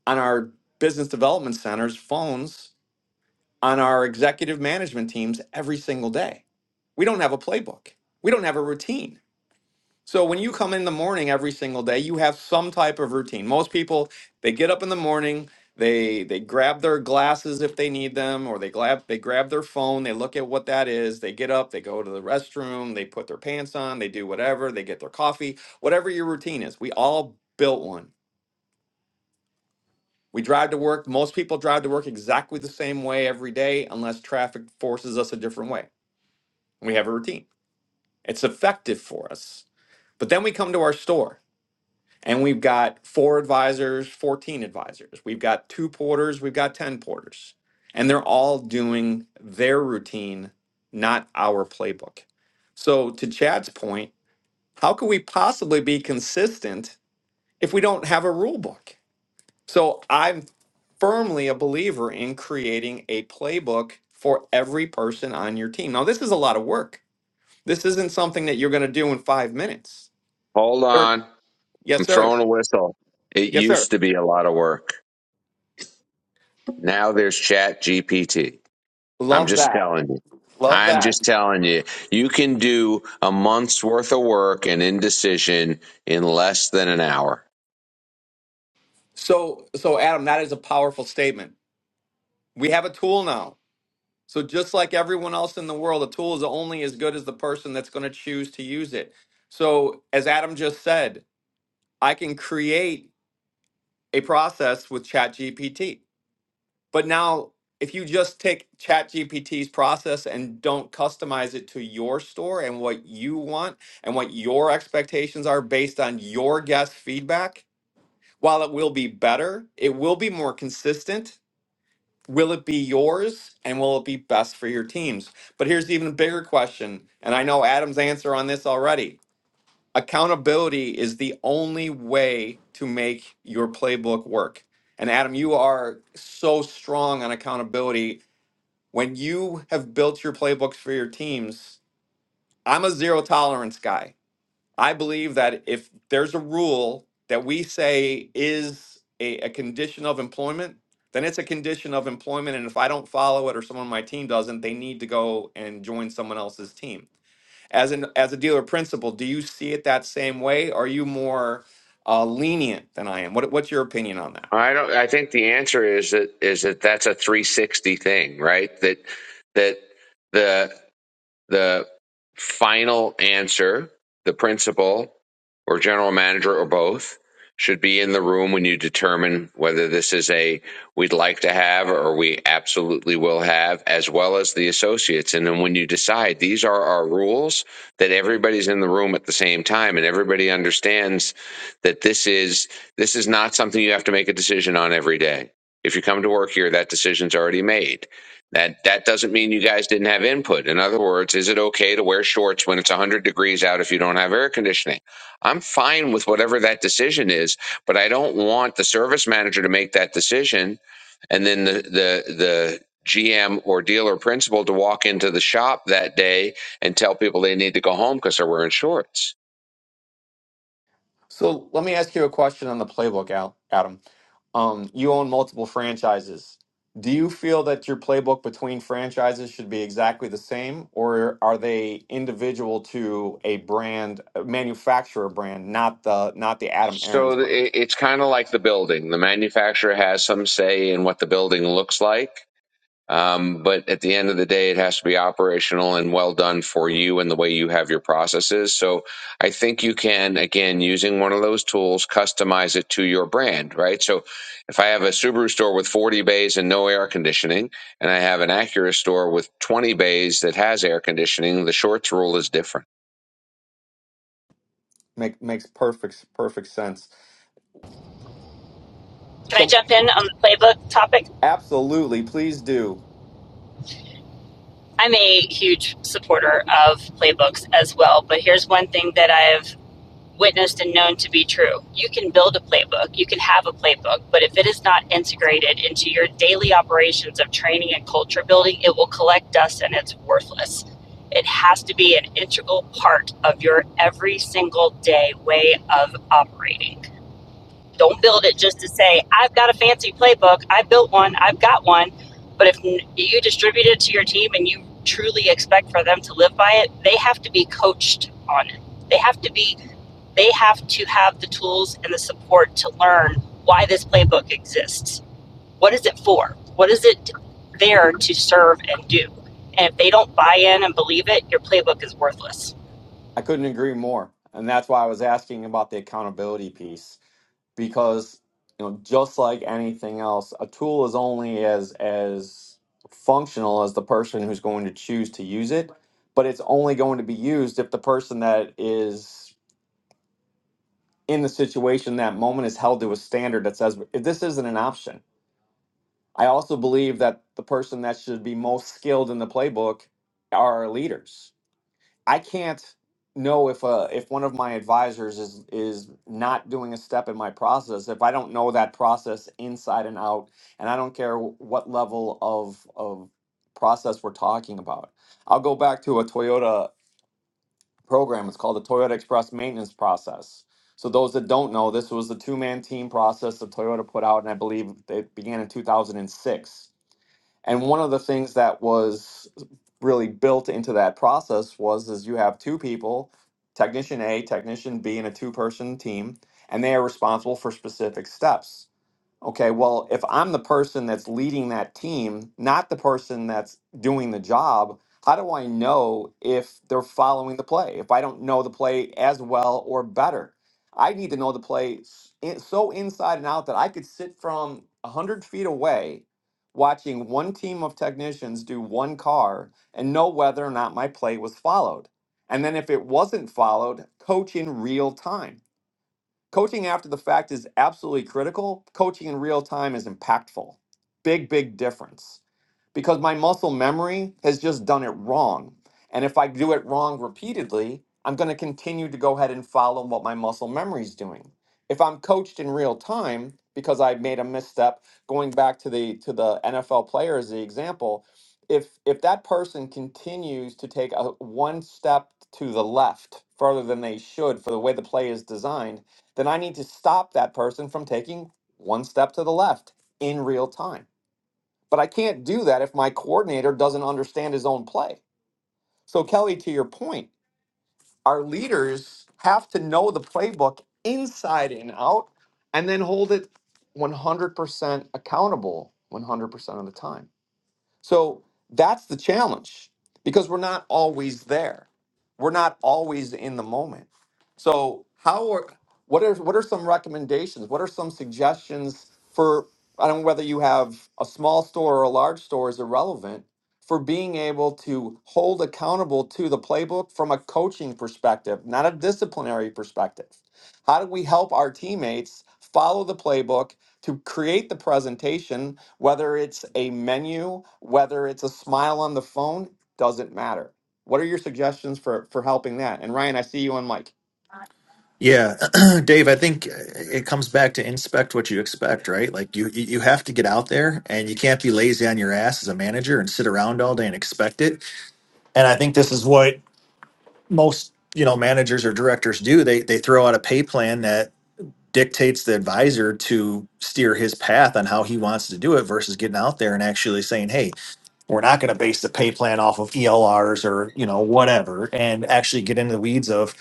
Speaker 1: on our business development centers, phones, on our executive management teams every single day. We don't have a playbook. We don't have a routine So when you come in the morning every single day, you have some type of routine. Most people, they get up in the morning, they they grab their glasses if they need them, or they grab they grab their phone, they look at what that is, they get up, they go to the restroom, they put their pants on, they do whatever, they get their coffee, whatever your routine is. We all built one. We drive to work. Most people drive to work exactly the same way every day unless traffic forces us a different way. We have a routine. It's effective for us. But then we come to our store And we've got four advisors, 14 advisors. We've got two porters, we've got 10 porters. And they're all doing their routine, not our playbook. So, to Chad's point, how can we possibly be consistent if we don't have a rule book? So, I'm firmly a believer in creating a playbook for every person on your team. Now, this is a lot of work. This isn't something that you're going to do in five minutes.
Speaker 7: Hold
Speaker 1: Sure.
Speaker 7: on.
Speaker 1: Yes,
Speaker 7: I'm
Speaker 1: sir.
Speaker 7: throwing a whistle. It
Speaker 1: Yes, sir.
Speaker 7: used to be a lot of work. Now there's Chat GPT. I'm
Speaker 1: Love
Speaker 7: just
Speaker 1: that.
Speaker 7: telling you.
Speaker 1: Love
Speaker 7: I'm
Speaker 1: that.
Speaker 7: just telling you. You can do a month's worth of work and indecision in less than an hour.
Speaker 1: So, so Adam, that is a powerful statement. We have a tool now. So just like everyone else in the world, a tool is only as good as the person that's going to choose to use it. So, as Adam just said, I can create a process with ChatGPT. But now, if you just take ChatGPT's process and don't customize it to your store and what you want and what your expectations are based on your guest feedback, while it will be better, it will be more consistent will it be yours and will it be best for your teams? But here's the even bigger question, and I know Adam's answer on this already. Accountability is the only way to make your playbook work. And Adam, you are so strong on accountability. When you have built your playbooks for your teams, I'm a zero tolerance guy. I believe that if there's a rule that we say is a, a condition of employment, then it's a condition of employment. And if I don't follow it or someone on my team doesn't, they need to go and join someone else's team. As an as a dealer principal, do you see it that same way? Are you more uh, lenient than I am? What what's your opinion on that?
Speaker 7: I don't I think the answer is that is that that's a 360 thing, right? That that the the final answer, the principal or general manager or both, should be in the room when you determine whether this is a we'd like to have or we absolutely will have, as well as the associates. And then when you decide these are our rules, that everybody's in the room at the same time and everybody understands that this is this is not something you have to make a decision on every day. If you come to work here, that decision's already made that that doesn't mean you guys didn't have input. In other words, is it okay to wear shorts when it's 100 degrees out if you don't have air conditioning? I'm fine with whatever that decision is, but I don't want the service manager to make that decision and then the the the GM or dealer principal to walk into the shop that day and tell people they need to go home because they're wearing shorts.
Speaker 1: So let me ask you a question on the playbook, Al, Adam. Um, you own multiple franchises. Do you feel that your playbook between franchises should be exactly the same, or are they individual to a brand, a manufacturer brand, not the not the Adam Aaron's
Speaker 7: So
Speaker 1: brand?
Speaker 7: it, it's kind of like the building. The manufacturer has some say in what the building looks like Um, but at the end of the day, it has to be operational and well done for you and the way you have your processes. So I think you can, again, using one of those tools, customize it to your brand, right? So if I have a Subaru store with 40 bays and no air conditioning, and I have an Acura store with 20 bays that has air conditioning, the shorts rule is different
Speaker 1: Make, makes perfect perfect sense.
Speaker 11: Can I
Speaker 1: So
Speaker 11: jump in on the playbook topic?
Speaker 1: absolutely, please do.
Speaker 11: I'm a huge supporter of playbooks as well, but here's one thing that I've witnessed and known to be true. You can build a playbook, you can have a playbook, but if it is not integrated into your daily operations of training and culture building, it will collect dust and it's worthless. It has to be an integral part of your every single day way of operating. Don't build it just to say, I've got a fancy playbook. I built one. I've got one. But if you distribute it to your team and you truly expect for them to live by it, they have to be coached on it. They have to be, they have to have the tools and the support to learn why this playbook exists. What is it for? What is it there to serve and do? And if they don't buy in and believe it, your playbook is worthless.
Speaker 1: I couldn't agree more. And that's why I was asking about the accountability piece because you know just like anything else, a tool is only as as functional as the person who's going to choose to use it, but it's only going to be used if the person that is in the situation that moment is held to a standard that says this isn't an option. I also believe that the person that should be most skilled in the playbook are our leaders I can't know if uh if one of my advisors is is not doing a step in my process if I don't know that process inside and out and I don't care wh- what level of of process we're talking about. I'll go back to a Toyota program. It's called the Toyota Express Maintenance Process. So those that don't know, this was the two-man team process that Toyota put out, and I believe it began in 2006 and one of the things that was really built into that process was is you have two people, technician A, technician B, and a two-person team, and they are responsible for specific steps. Okay, well, if I'm the person that's leading that team, not the person that's doing the job, how do I know if they're following the play? If I don't know the play as well or better, I need to know the play s- in- so inside and out that I could sit from 100 feet away watching one team of technicians do one car and know whether or not my play was followed. And then if it wasn't followed, coach in real time Coaching after the fact is absolutely critical. Coaching in real time is impactful. Big, big difference because my muscle memory has just done it wrong. And if I do it wrong repeatedly, I'm going to continue to go ahead and follow what my muscle memory is doing. If I'm coached in real time because I made a misstep, going back to the to the NFL player as the example, if if that person continues to take a one step to the left further than they should for the way the play is designed, then I need to stop that person from taking one step to the left in real time. But I can't do that if my coordinator doesn't understand his own play. So, Kelly, to your point, our leaders have to know the playbook inside and out and then hold it 100% accountable 100% of the time. So that's the challenge because we're not always there. We're not always in the moment. So how are what are what are some recommendations? What are some suggestions for I don't know whether you have a small store or a large store is irrelevant for being able to hold accountable to the playbook from a coaching perspective, not a disciplinary perspective. How do we help our teammates follow the playbook to create the presentation whether it's a menu, whether it's a smile on the phone, doesn't matter. What are your suggestions for for helping that? And Ryan, I see you on mic.
Speaker 6: Yeah, Dave, I think uh, it comes back to inspect what you expect, right? Like you you you have to get out there and you can't be lazy on your ass as a manager and sit around all day and expect it. And I think this is what most, you know, managers or directors do. They they throw out a pay plan that dictates the advisor to steer his path on how he wants to do it versus getting out there and actually saying, "Hey, we're not going to base the pay plan off of ELRs or, you know, whatever," and actually get into the weeds of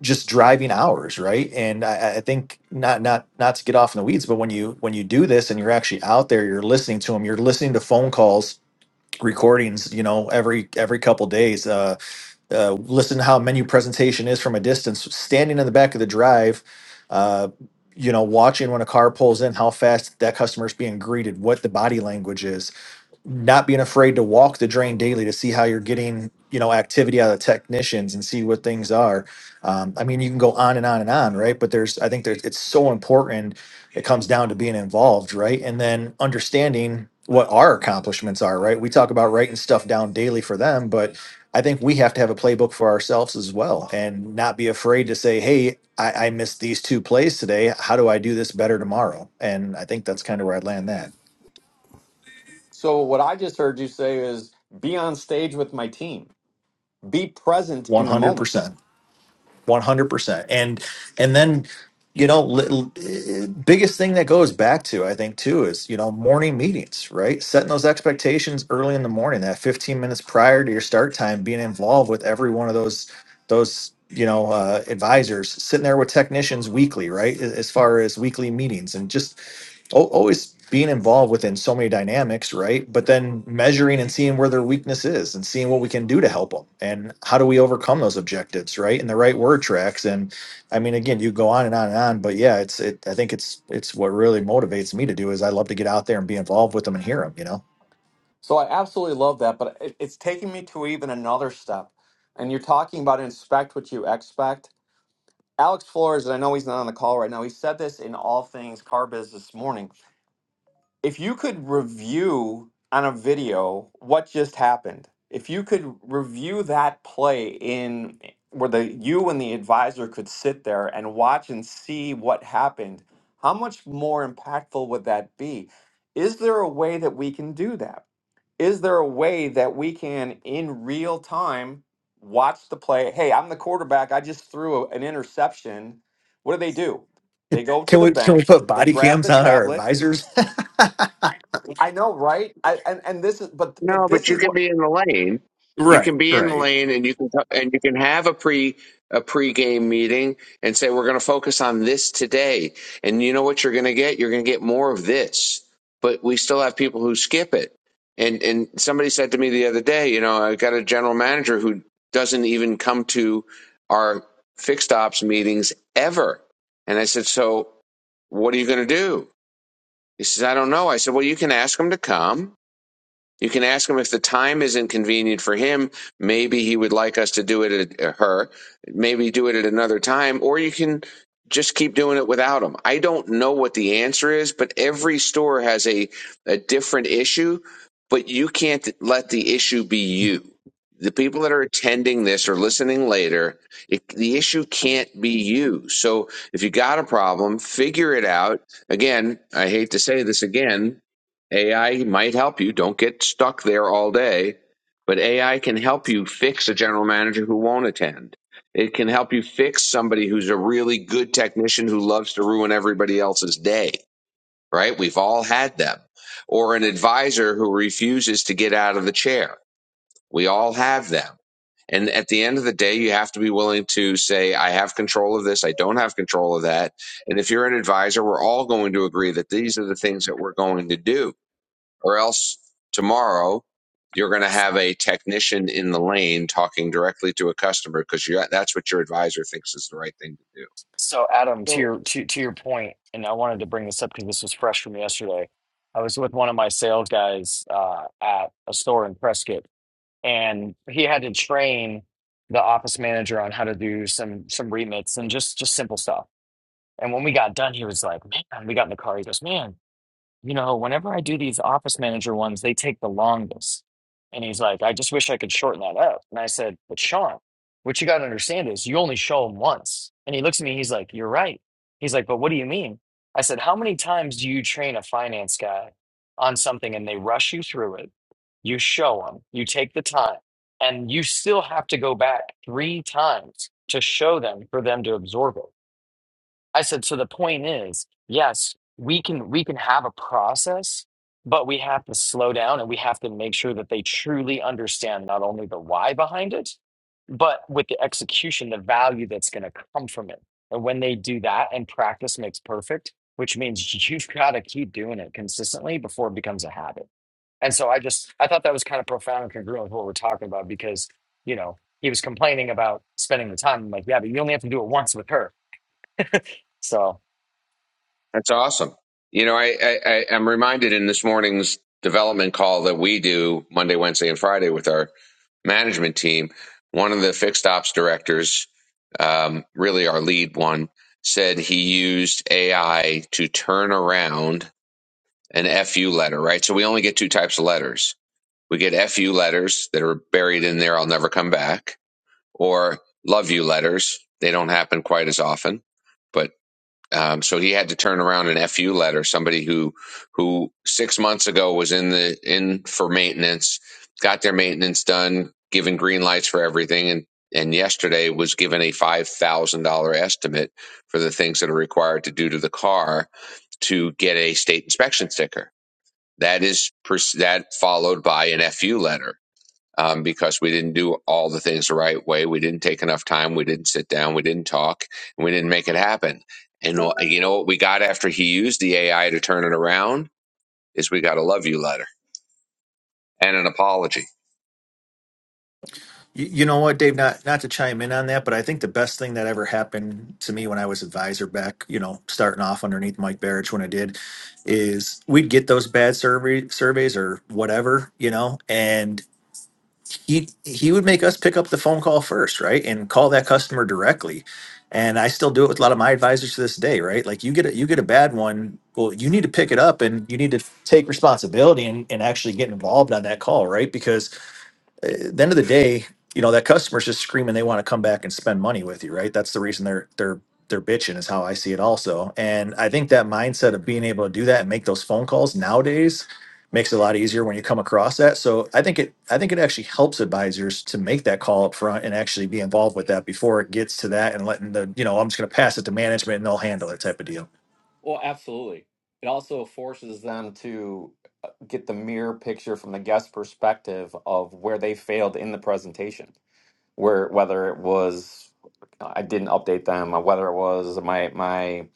Speaker 6: just driving hours, right? And I, I I think not not not to get off in the weeds, but when you when you do this and you're actually out there, you're listening to them, you're listening to phone calls, recordings, you know, every every couple days. Uh, uh, listen to how menu presentation is from a distance, standing in the back of the drive. Uh, you know, watching when a car pulls in, how fast that customer's being greeted, what the body language is, not being afraid to walk the drain daily to see how you're getting you know activity out of the technicians and see what things are um, i mean you can go on and on and on right but there's i think there's it's so important it comes down to being involved right and then understanding what our accomplishments are right we talk about writing stuff down daily for them but i think we have to have a playbook for ourselves as well and not be afraid to say hey i, I missed these two plays today how do i do this better tomorrow and i think that's kind of where i land that
Speaker 1: So what I just heard you say is be on stage with my team. Be present in the moment.
Speaker 6: 100% 100% and and then you know li- li- biggest thing that goes back to i think too is you know morning meetings right setting those expectations early in the morning that 15 minutes prior to your start time being involved with every one of those those you know uh, advisors sitting there with technicians weekly right a- as far as weekly meetings and just al- always being involved within so many dynamics, right? But then measuring and seeing where their weakness is and seeing what we can do to help them and how do we overcome those objectives, right? And the right word tracks. And I mean, again, you go on and on and on, but yeah, it's, it, I think it's, it's what really motivates me to do is I love to get out there and be involved with them and hear them, you know?
Speaker 1: So I absolutely love that, but it, it's taking me to even another step. And you're talking about inspect what you expect. Alex Flores, and I know he's not on the call right now, he said this in All Things Car Biz this morning if you could review on a video what just happened, if you could review that play in where the you and the advisor could sit there and watch and see what happened, how much more impactful would that be? Is there a way that we can do that? Is there a way that we can in real time watch the play? Hey, I'm the quarterback. I just threw a- an interception. What do they do? They go to
Speaker 6: Can
Speaker 1: the
Speaker 6: we can we
Speaker 1: bench,
Speaker 6: put
Speaker 1: they
Speaker 6: body
Speaker 1: grab
Speaker 6: cams
Speaker 1: the
Speaker 6: on our
Speaker 1: tablet,
Speaker 6: advisors?
Speaker 1: I know, right? I, and and this is, but but
Speaker 7: No,
Speaker 1: this
Speaker 7: but you
Speaker 1: is
Speaker 7: can
Speaker 1: what.
Speaker 7: be in the lane. You
Speaker 6: Right,
Speaker 7: can be in the
Speaker 6: right.
Speaker 7: lane, and you can and you can have a pre a pregame meeting and say we're going to focus on this today. And you know what you're going to get? You're going to get more of this. But we still have people who skip it. And and somebody said to me the other day, you know, I got a general manager who doesn't even come to our fixed ops meetings ever. And I said, so what are you going to do? He says, I don't know. I said, well, you can ask him to come you can ask him if the time isn't convenient for him. Maybe he would like us to do it at uh, her. Maybe do it at another time, or you can just keep doing it without him. I don't know what the answer is, but every store has a a different issue. But you can't let the issue be you. The people that are attending this or listening later, it, the issue can't be you. So if you got a problem, figure it out. Again, I hate to say this again, AI might help you. Don't get stuck there all day. But AI can help you fix a general manager who won't attend. It can help you fix somebody who's a really good technician who loves to ruin everybody else's day, right? We've all had them. Or an advisor who refuses to get out of the chair. We all have them. And at the end of the day, you have to be willing to say, I have control of this. I don't have control of that. And if you're an advisor, we're all going to agree that these are the things that we're going to do or else tomorrow you're going to
Speaker 10: S-
Speaker 7: have a technician in the lane talking directly to a customer because that's what your advisor thinks is the right thing to do.
Speaker 10: So Adam, to your to, to your point, and I wanted to bring this up because this was fresh from yesterday. I was with one of my sales guys uh, at a store in Prescott, and he had to train the office manager on how to do some some remits and just just simple stuff And when we got done, he was like, man, we got in the car. He goes, man, you know, whenever I do these office manager ones, they take the longest. And he's like, I just wish I could shorten that up. And I said, but Sean, what you got to understand is you only show them once. And he looks at me, he's like, you're right. He's like, but what do you mean? I said, how many times do you train a finance guy on something and they rush you through it? You show them, you take the time, and you still have to go back three times to show them for them to absorb it. I said, so the point is, yes, we can we can have a process, but we have to slow down and we have to make sure that they truly understand not only the why behind it, but with the execution, the value that's going to come from it. And when they do that and practice makes perfect, which means you've got to keep doing it consistently before it becomes a habit. And so I just I thought that was kind of profound and congruent with what we're talking about because, you know, he was complaining about spending the time. I'm like, yeah, but you only have to do it once with her. So
Speaker 7: That's awesome. You know, I, I, I, am reminded in this morning's development call that we do Monday, Wednesday, and Friday with our management team. One of the fixed ops directors, um, really our lead one, said he used AI to turn around an FU letter, right? So we only get two types of letters We get FU letters that are buried in there, I'll never come back, or love you letters. They don't happen quite as often. But um, so he had to turn around an FU letter, somebody who who six months ago was in the in for maintenance, got their maintenance done, given green lights for everything, and and yesterday was given a five thousand dollar estimate for the things that are required to do to the car to get a state inspection sticker. That is pers- that followed by an FU letter um, because we didn't do all the things the right way. We didn't take enough time. We didn't sit down. We didn't talk. And we didn't make it happen. And uh, you know what we got after he used the AI to turn it around is we got a love you letter and an apology
Speaker 6: You, you know what, Dave? Not not to chime in on that, but I think the best thing that ever happened to me when I was advisor back, you know, starting off underneath Mike Barrich when I did, is we'd get those bad survey surveys or whatever, you know, and he he would make us pick up the phone call first, right, and call that customer directly. And I still do it with a lot of my advisors to this day, right? Like you get a, you get a bad one, well, you need to pick it up and you need to take responsibility and, and actually get involved on that call, right? Because uh, at the end of the day, you know that customer's just screaming they want to come back and spend money with you, right? That's the reason they're they're they're bitching is how I see it also. And I think that mindset of being able to do that and make those phone calls nowadays makes it a lot easier when you come across that. So I think it I think it actually helps advisors to make that call up front and actually be involved with that before it gets to that and letting the, you know, I'm just gonna pass it to management and they'll handle it type of deal.
Speaker 1: Well, absolutely. It also forces them to uh, get the mirror picture from the guest perspective of where they failed in the presentation, where whether it was uh, I didn't update them, or whether it was my my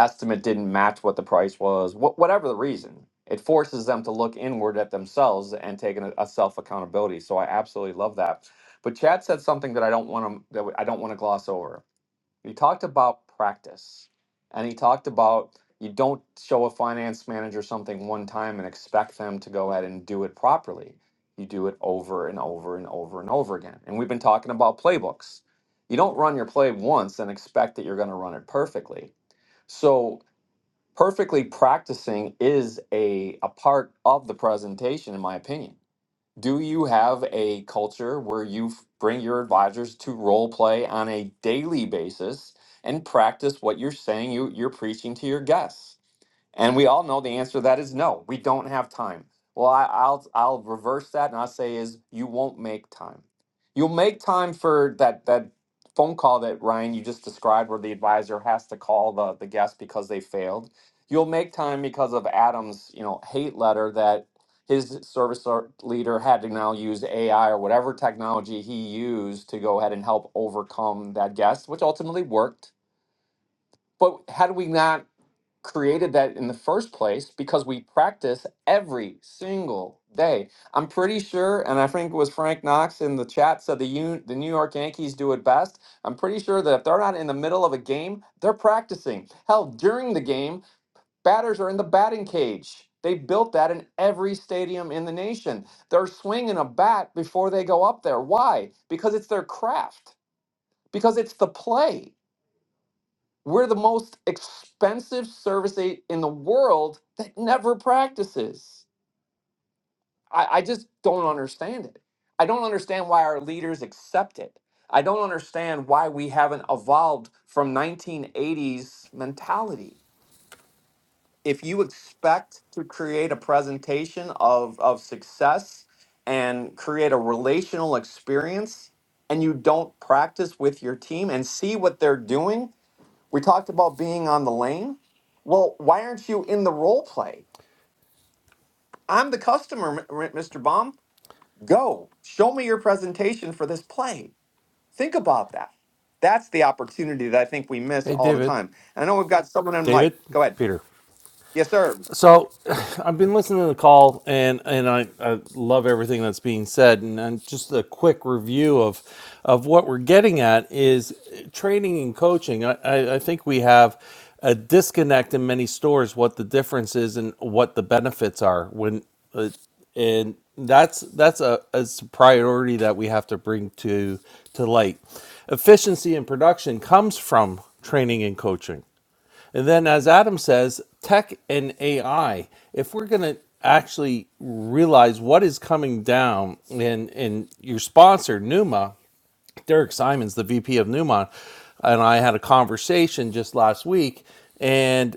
Speaker 1: estimate didn't match what the price was, wh- whatever the reason. It forces them to look inward at themselves and take an, a self accountability. So I absolutely love that. But Chad said something that I don't want to that I don't want to gloss over He talked about practice and he talked about you don't show a finance manager something one time and expect them to go ahead and do it properly. You do it over and over and over and over again. And we've been talking about playbooks. You don't run your play once and expect that you're going to run it perfectly. So, perfectly practicing is a, a part of the presentation, in my opinion do you have a culture where you f- bring your advisors to role play on a daily basis and practice what you're saying you, you're preaching to your guests? And we all know the answer to that is no. We don't have time. Well, I, I'll I'll reverse that and I'll say is you won't make time. You'll make time for that that phone call that Ryan you just described where the advisor has to call the, the guest because they failed. You'll make time because of Adam's, you know, hate letter that his service or- leader had to now use AI or whatever technology he used to go ahead and help overcome that guest, which ultimately worked. But had we not created that in the first place because we practice every single day. I'm pretty sure, and I think it was Frank Knox in the chat said the Un- the New York Yankees do it best. I'm pretty sure that if they're not in the middle of a game, they're practicing. Hell, during the game, batters are in the batting cage. They built that in every stadium in the nation. They're swinging a bat before they go up there. Why? Because it's their craft. Because it's the play we're the most expensive service aid in the world that never practices. I, I just don't understand it. I don't understand why our leaders accept it. I don't understand why we haven't evolved from 1980s mentality. If you expect to create a presentation of, of success and create a relational experience, and you don't practice with your team and see what they're doing, we talked about being on the lane. Well, why aren't you in the role play? I'm the customer, M- M- Mr. Baum. Go. Show me your presentation for this play. Think about that. That's the opportunity that I think we miss
Speaker 4: Hey,
Speaker 1: all the
Speaker 4: David.
Speaker 1: time. And I know we've got someone on
Speaker 4: David?
Speaker 1: mic. Go ahead.
Speaker 4: Peter.
Speaker 1: Yes, sir.
Speaker 4: So I've been listening to the call, and and I, I love everything that's being said. And, and just a quick review of of what we're getting at is training and coaching. I, I, I think we have a disconnect in many stores what the difference is and what the benefits are when uh, and that's that's a, a priority that we have to bring to to light. Efficiency in production comes from training and coaching and then, as Adam says, tech and AI. If we're going to actually realize what is coming down, and and your sponsor Numa, Derek Simons, the VP of Newmont, and I had a conversation just last week, and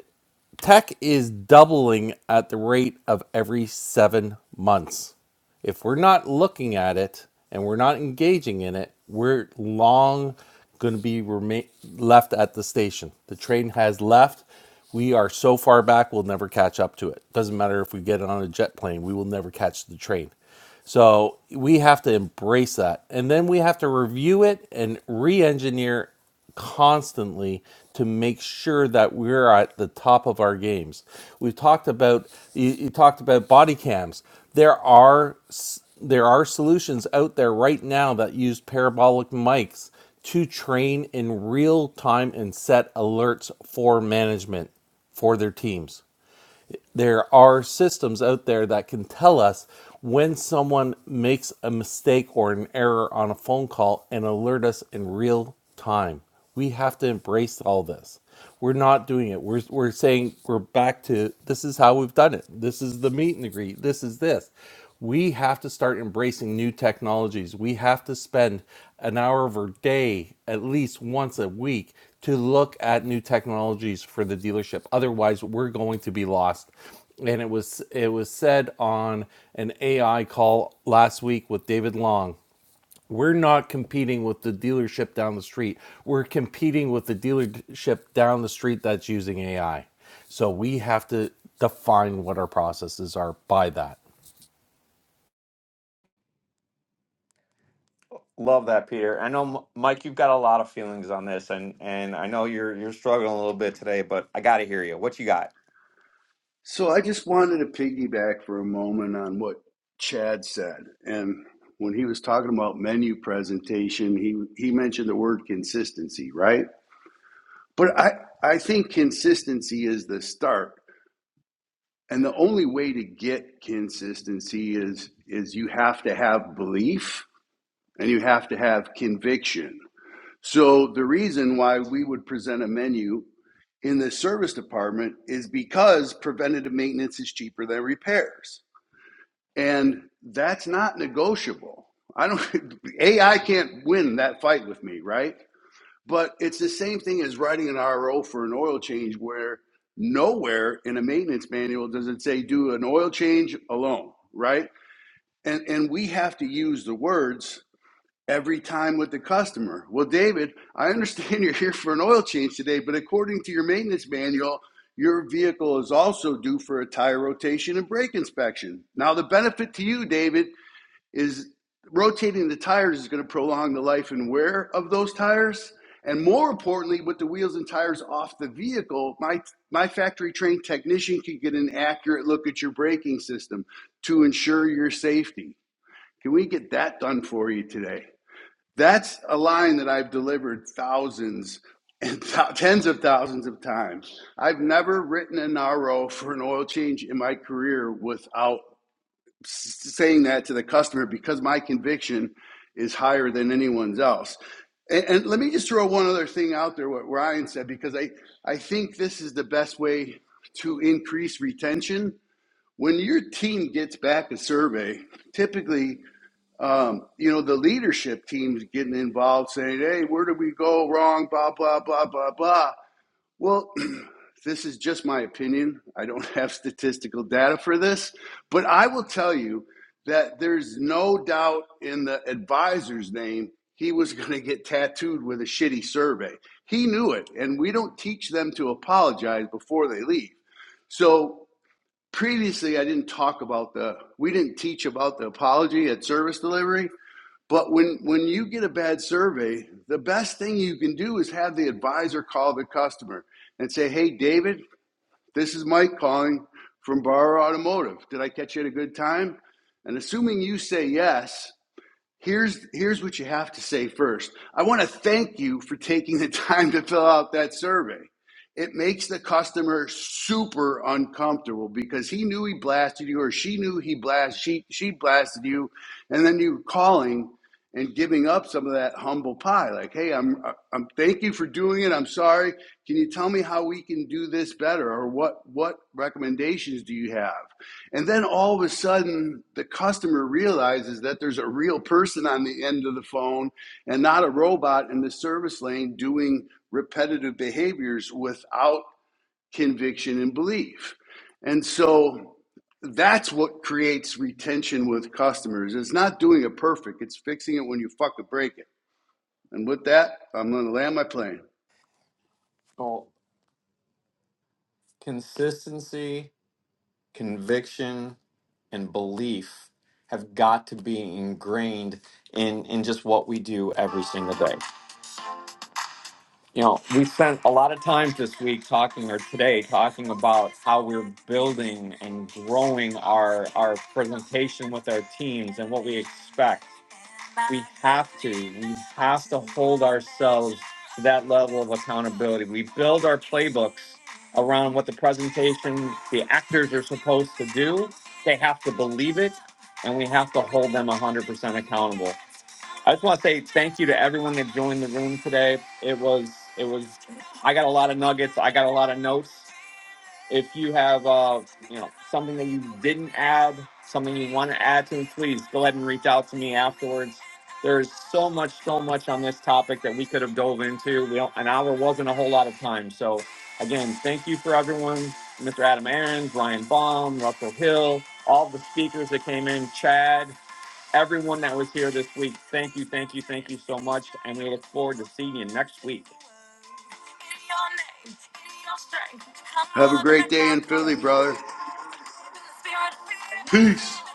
Speaker 4: tech is doubling at the rate of every seven months. If we're not looking at it and we're not engaging in it, we're long going to be rema- left at the station. The train has left. We are so far back, we'll never catch up to it. Doesn't matter if we get on a jet plane, we will never catch the train. So we have to embrace that. And then we have to review it and re engineer constantly to make sure that we're at the top of our games. We've talked about you, you talked about body cams. There are s- there are solutions out there right now that use parabolic mics to train in real time and set alerts for management for their teams there are systems out there that can tell us when someone makes a mistake or an error on a phone call and alert us in real time. We have to embrace all this. We're not doing it. We're, we're saying we're back to this is how we've done it. This is the meet and greet. This is this. We have to start embracing new technologies. We have to spend an hour of our day at least once a week to look at new technologies for the dealership. Otherwise, we're going to be lost. And it was it was said on an AI call last week with David Long. We're not competing with the dealership down the street. We're competing with the dealership down the street that's using AI. So we have to define what our processes are by that.
Speaker 1: Love that, Peter. I know, M- Mike, you've got a lot of feelings on this, and and I know you're you're struggling a little bit today, but I got to hear you. What you got?
Speaker 3: So I just wanted to piggyback for a moment on what Chad said. And when he was talking about menu presentation, he, he mentioned the word consistency, right? But I, I think consistency is the start. And the only way to get consistency is is you have to have belief and you have to have conviction. So the reason why we would present a menu in the service department is because preventative maintenance is cheaper than repairs. And that's not negotiable. I don't AI can't win that fight with me, right? But it's the same thing as writing an RO for an oil change where nowhere in a maintenance manual does it say do an oil change alone, right? And and we have to use the words every time with the customer. Well, David, I understand you're here for an oil change today, but according to your maintenance manual, your vehicle is also due for a tire rotation and brake inspection. Now, the benefit to you, David, is rotating the tires is going to prolong the life and wear of those tires and more importantly with the wheels and tires off the vehicle my my factory trained technician can get an accurate look at your braking system to ensure your safety can we get that done for you today that's a line that i've delivered thousands and th- tens of thousands of times i've never written an ro for an oil change in my career without saying that to the customer because my conviction is higher than anyone's else. And, and let me just throw one other thing out there, what Ryan said, because I, I think this is the best way to increase retention. When your team gets back a survey, typically, um, you know, the leadership team's getting involved saying, hey, where did we go wrong, blah, blah, blah, blah, blah. Well, this is just my opinion. I don't have statistical data for this, but I will tell you that there's no doubt in the advisor's name he was going to get tattooed with a shitty survey. He knew it, and we don't teach them to apologize before they leave. So previously, I didn't talk about the, we didn't teach about the apology at service delivery. But when, when you get a bad survey, the best thing you can do is have the advisor call the customer and say, Hey, David, this is Mike calling from Bar Automotive. Did I catch you at a good time? And assuming you say yes, Here's, here's what you have to say first. I want to thank you for taking the time to fill out that survey. It makes the customer super uncomfortable because he knew he blasted you or she knew he blast she, she blasted you and then you calling and giving up some of that humble pie like hey I'm I'm thank you for doing it I'm sorry can you tell me how we can do this better or what what recommendations do you have and then all of a sudden, the customer realizes that there's a real person on the end of the phone and not a robot in the service lane doing repetitive behaviors without conviction and belief. And so that's what creates retention with customers. It's not doing it perfect, it's fixing it when you fuck it, break it. And with that, I'm going to land my plane.
Speaker 1: Well, consistency conviction and belief have got to be ingrained in in just what we do every single day. You know, we spent a lot of time this week talking or today talking about how we're building and growing our our presentation with our teams and what we expect. We have to. We have to hold ourselves to that level of accountability. We build our playbooks around what the presentation, the actors are supposed to do. They have to believe it, and we have to hold them 100% accountable. I just want to say thank you to everyone that joined the room today. It was, it was, I got a lot of nuggets. I got a lot of notes. If you have, uh, you know, something that you didn't add, something you want to add to, please go ahead and reach out to me afterwards. There is so much, so much on this topic that we could have dove into. We don't, an hour wasn't a whole lot of time. So, again, thank you for everyone, Mr. Adam Aaron, Ryan Baum, Russell Hill, all the speakers that came in, Chad, everyone that was here this week. Thank you, thank you, thank you so much, and we look forward to seeing you next week.
Speaker 3: Have a great day in Philly, brother. Peace.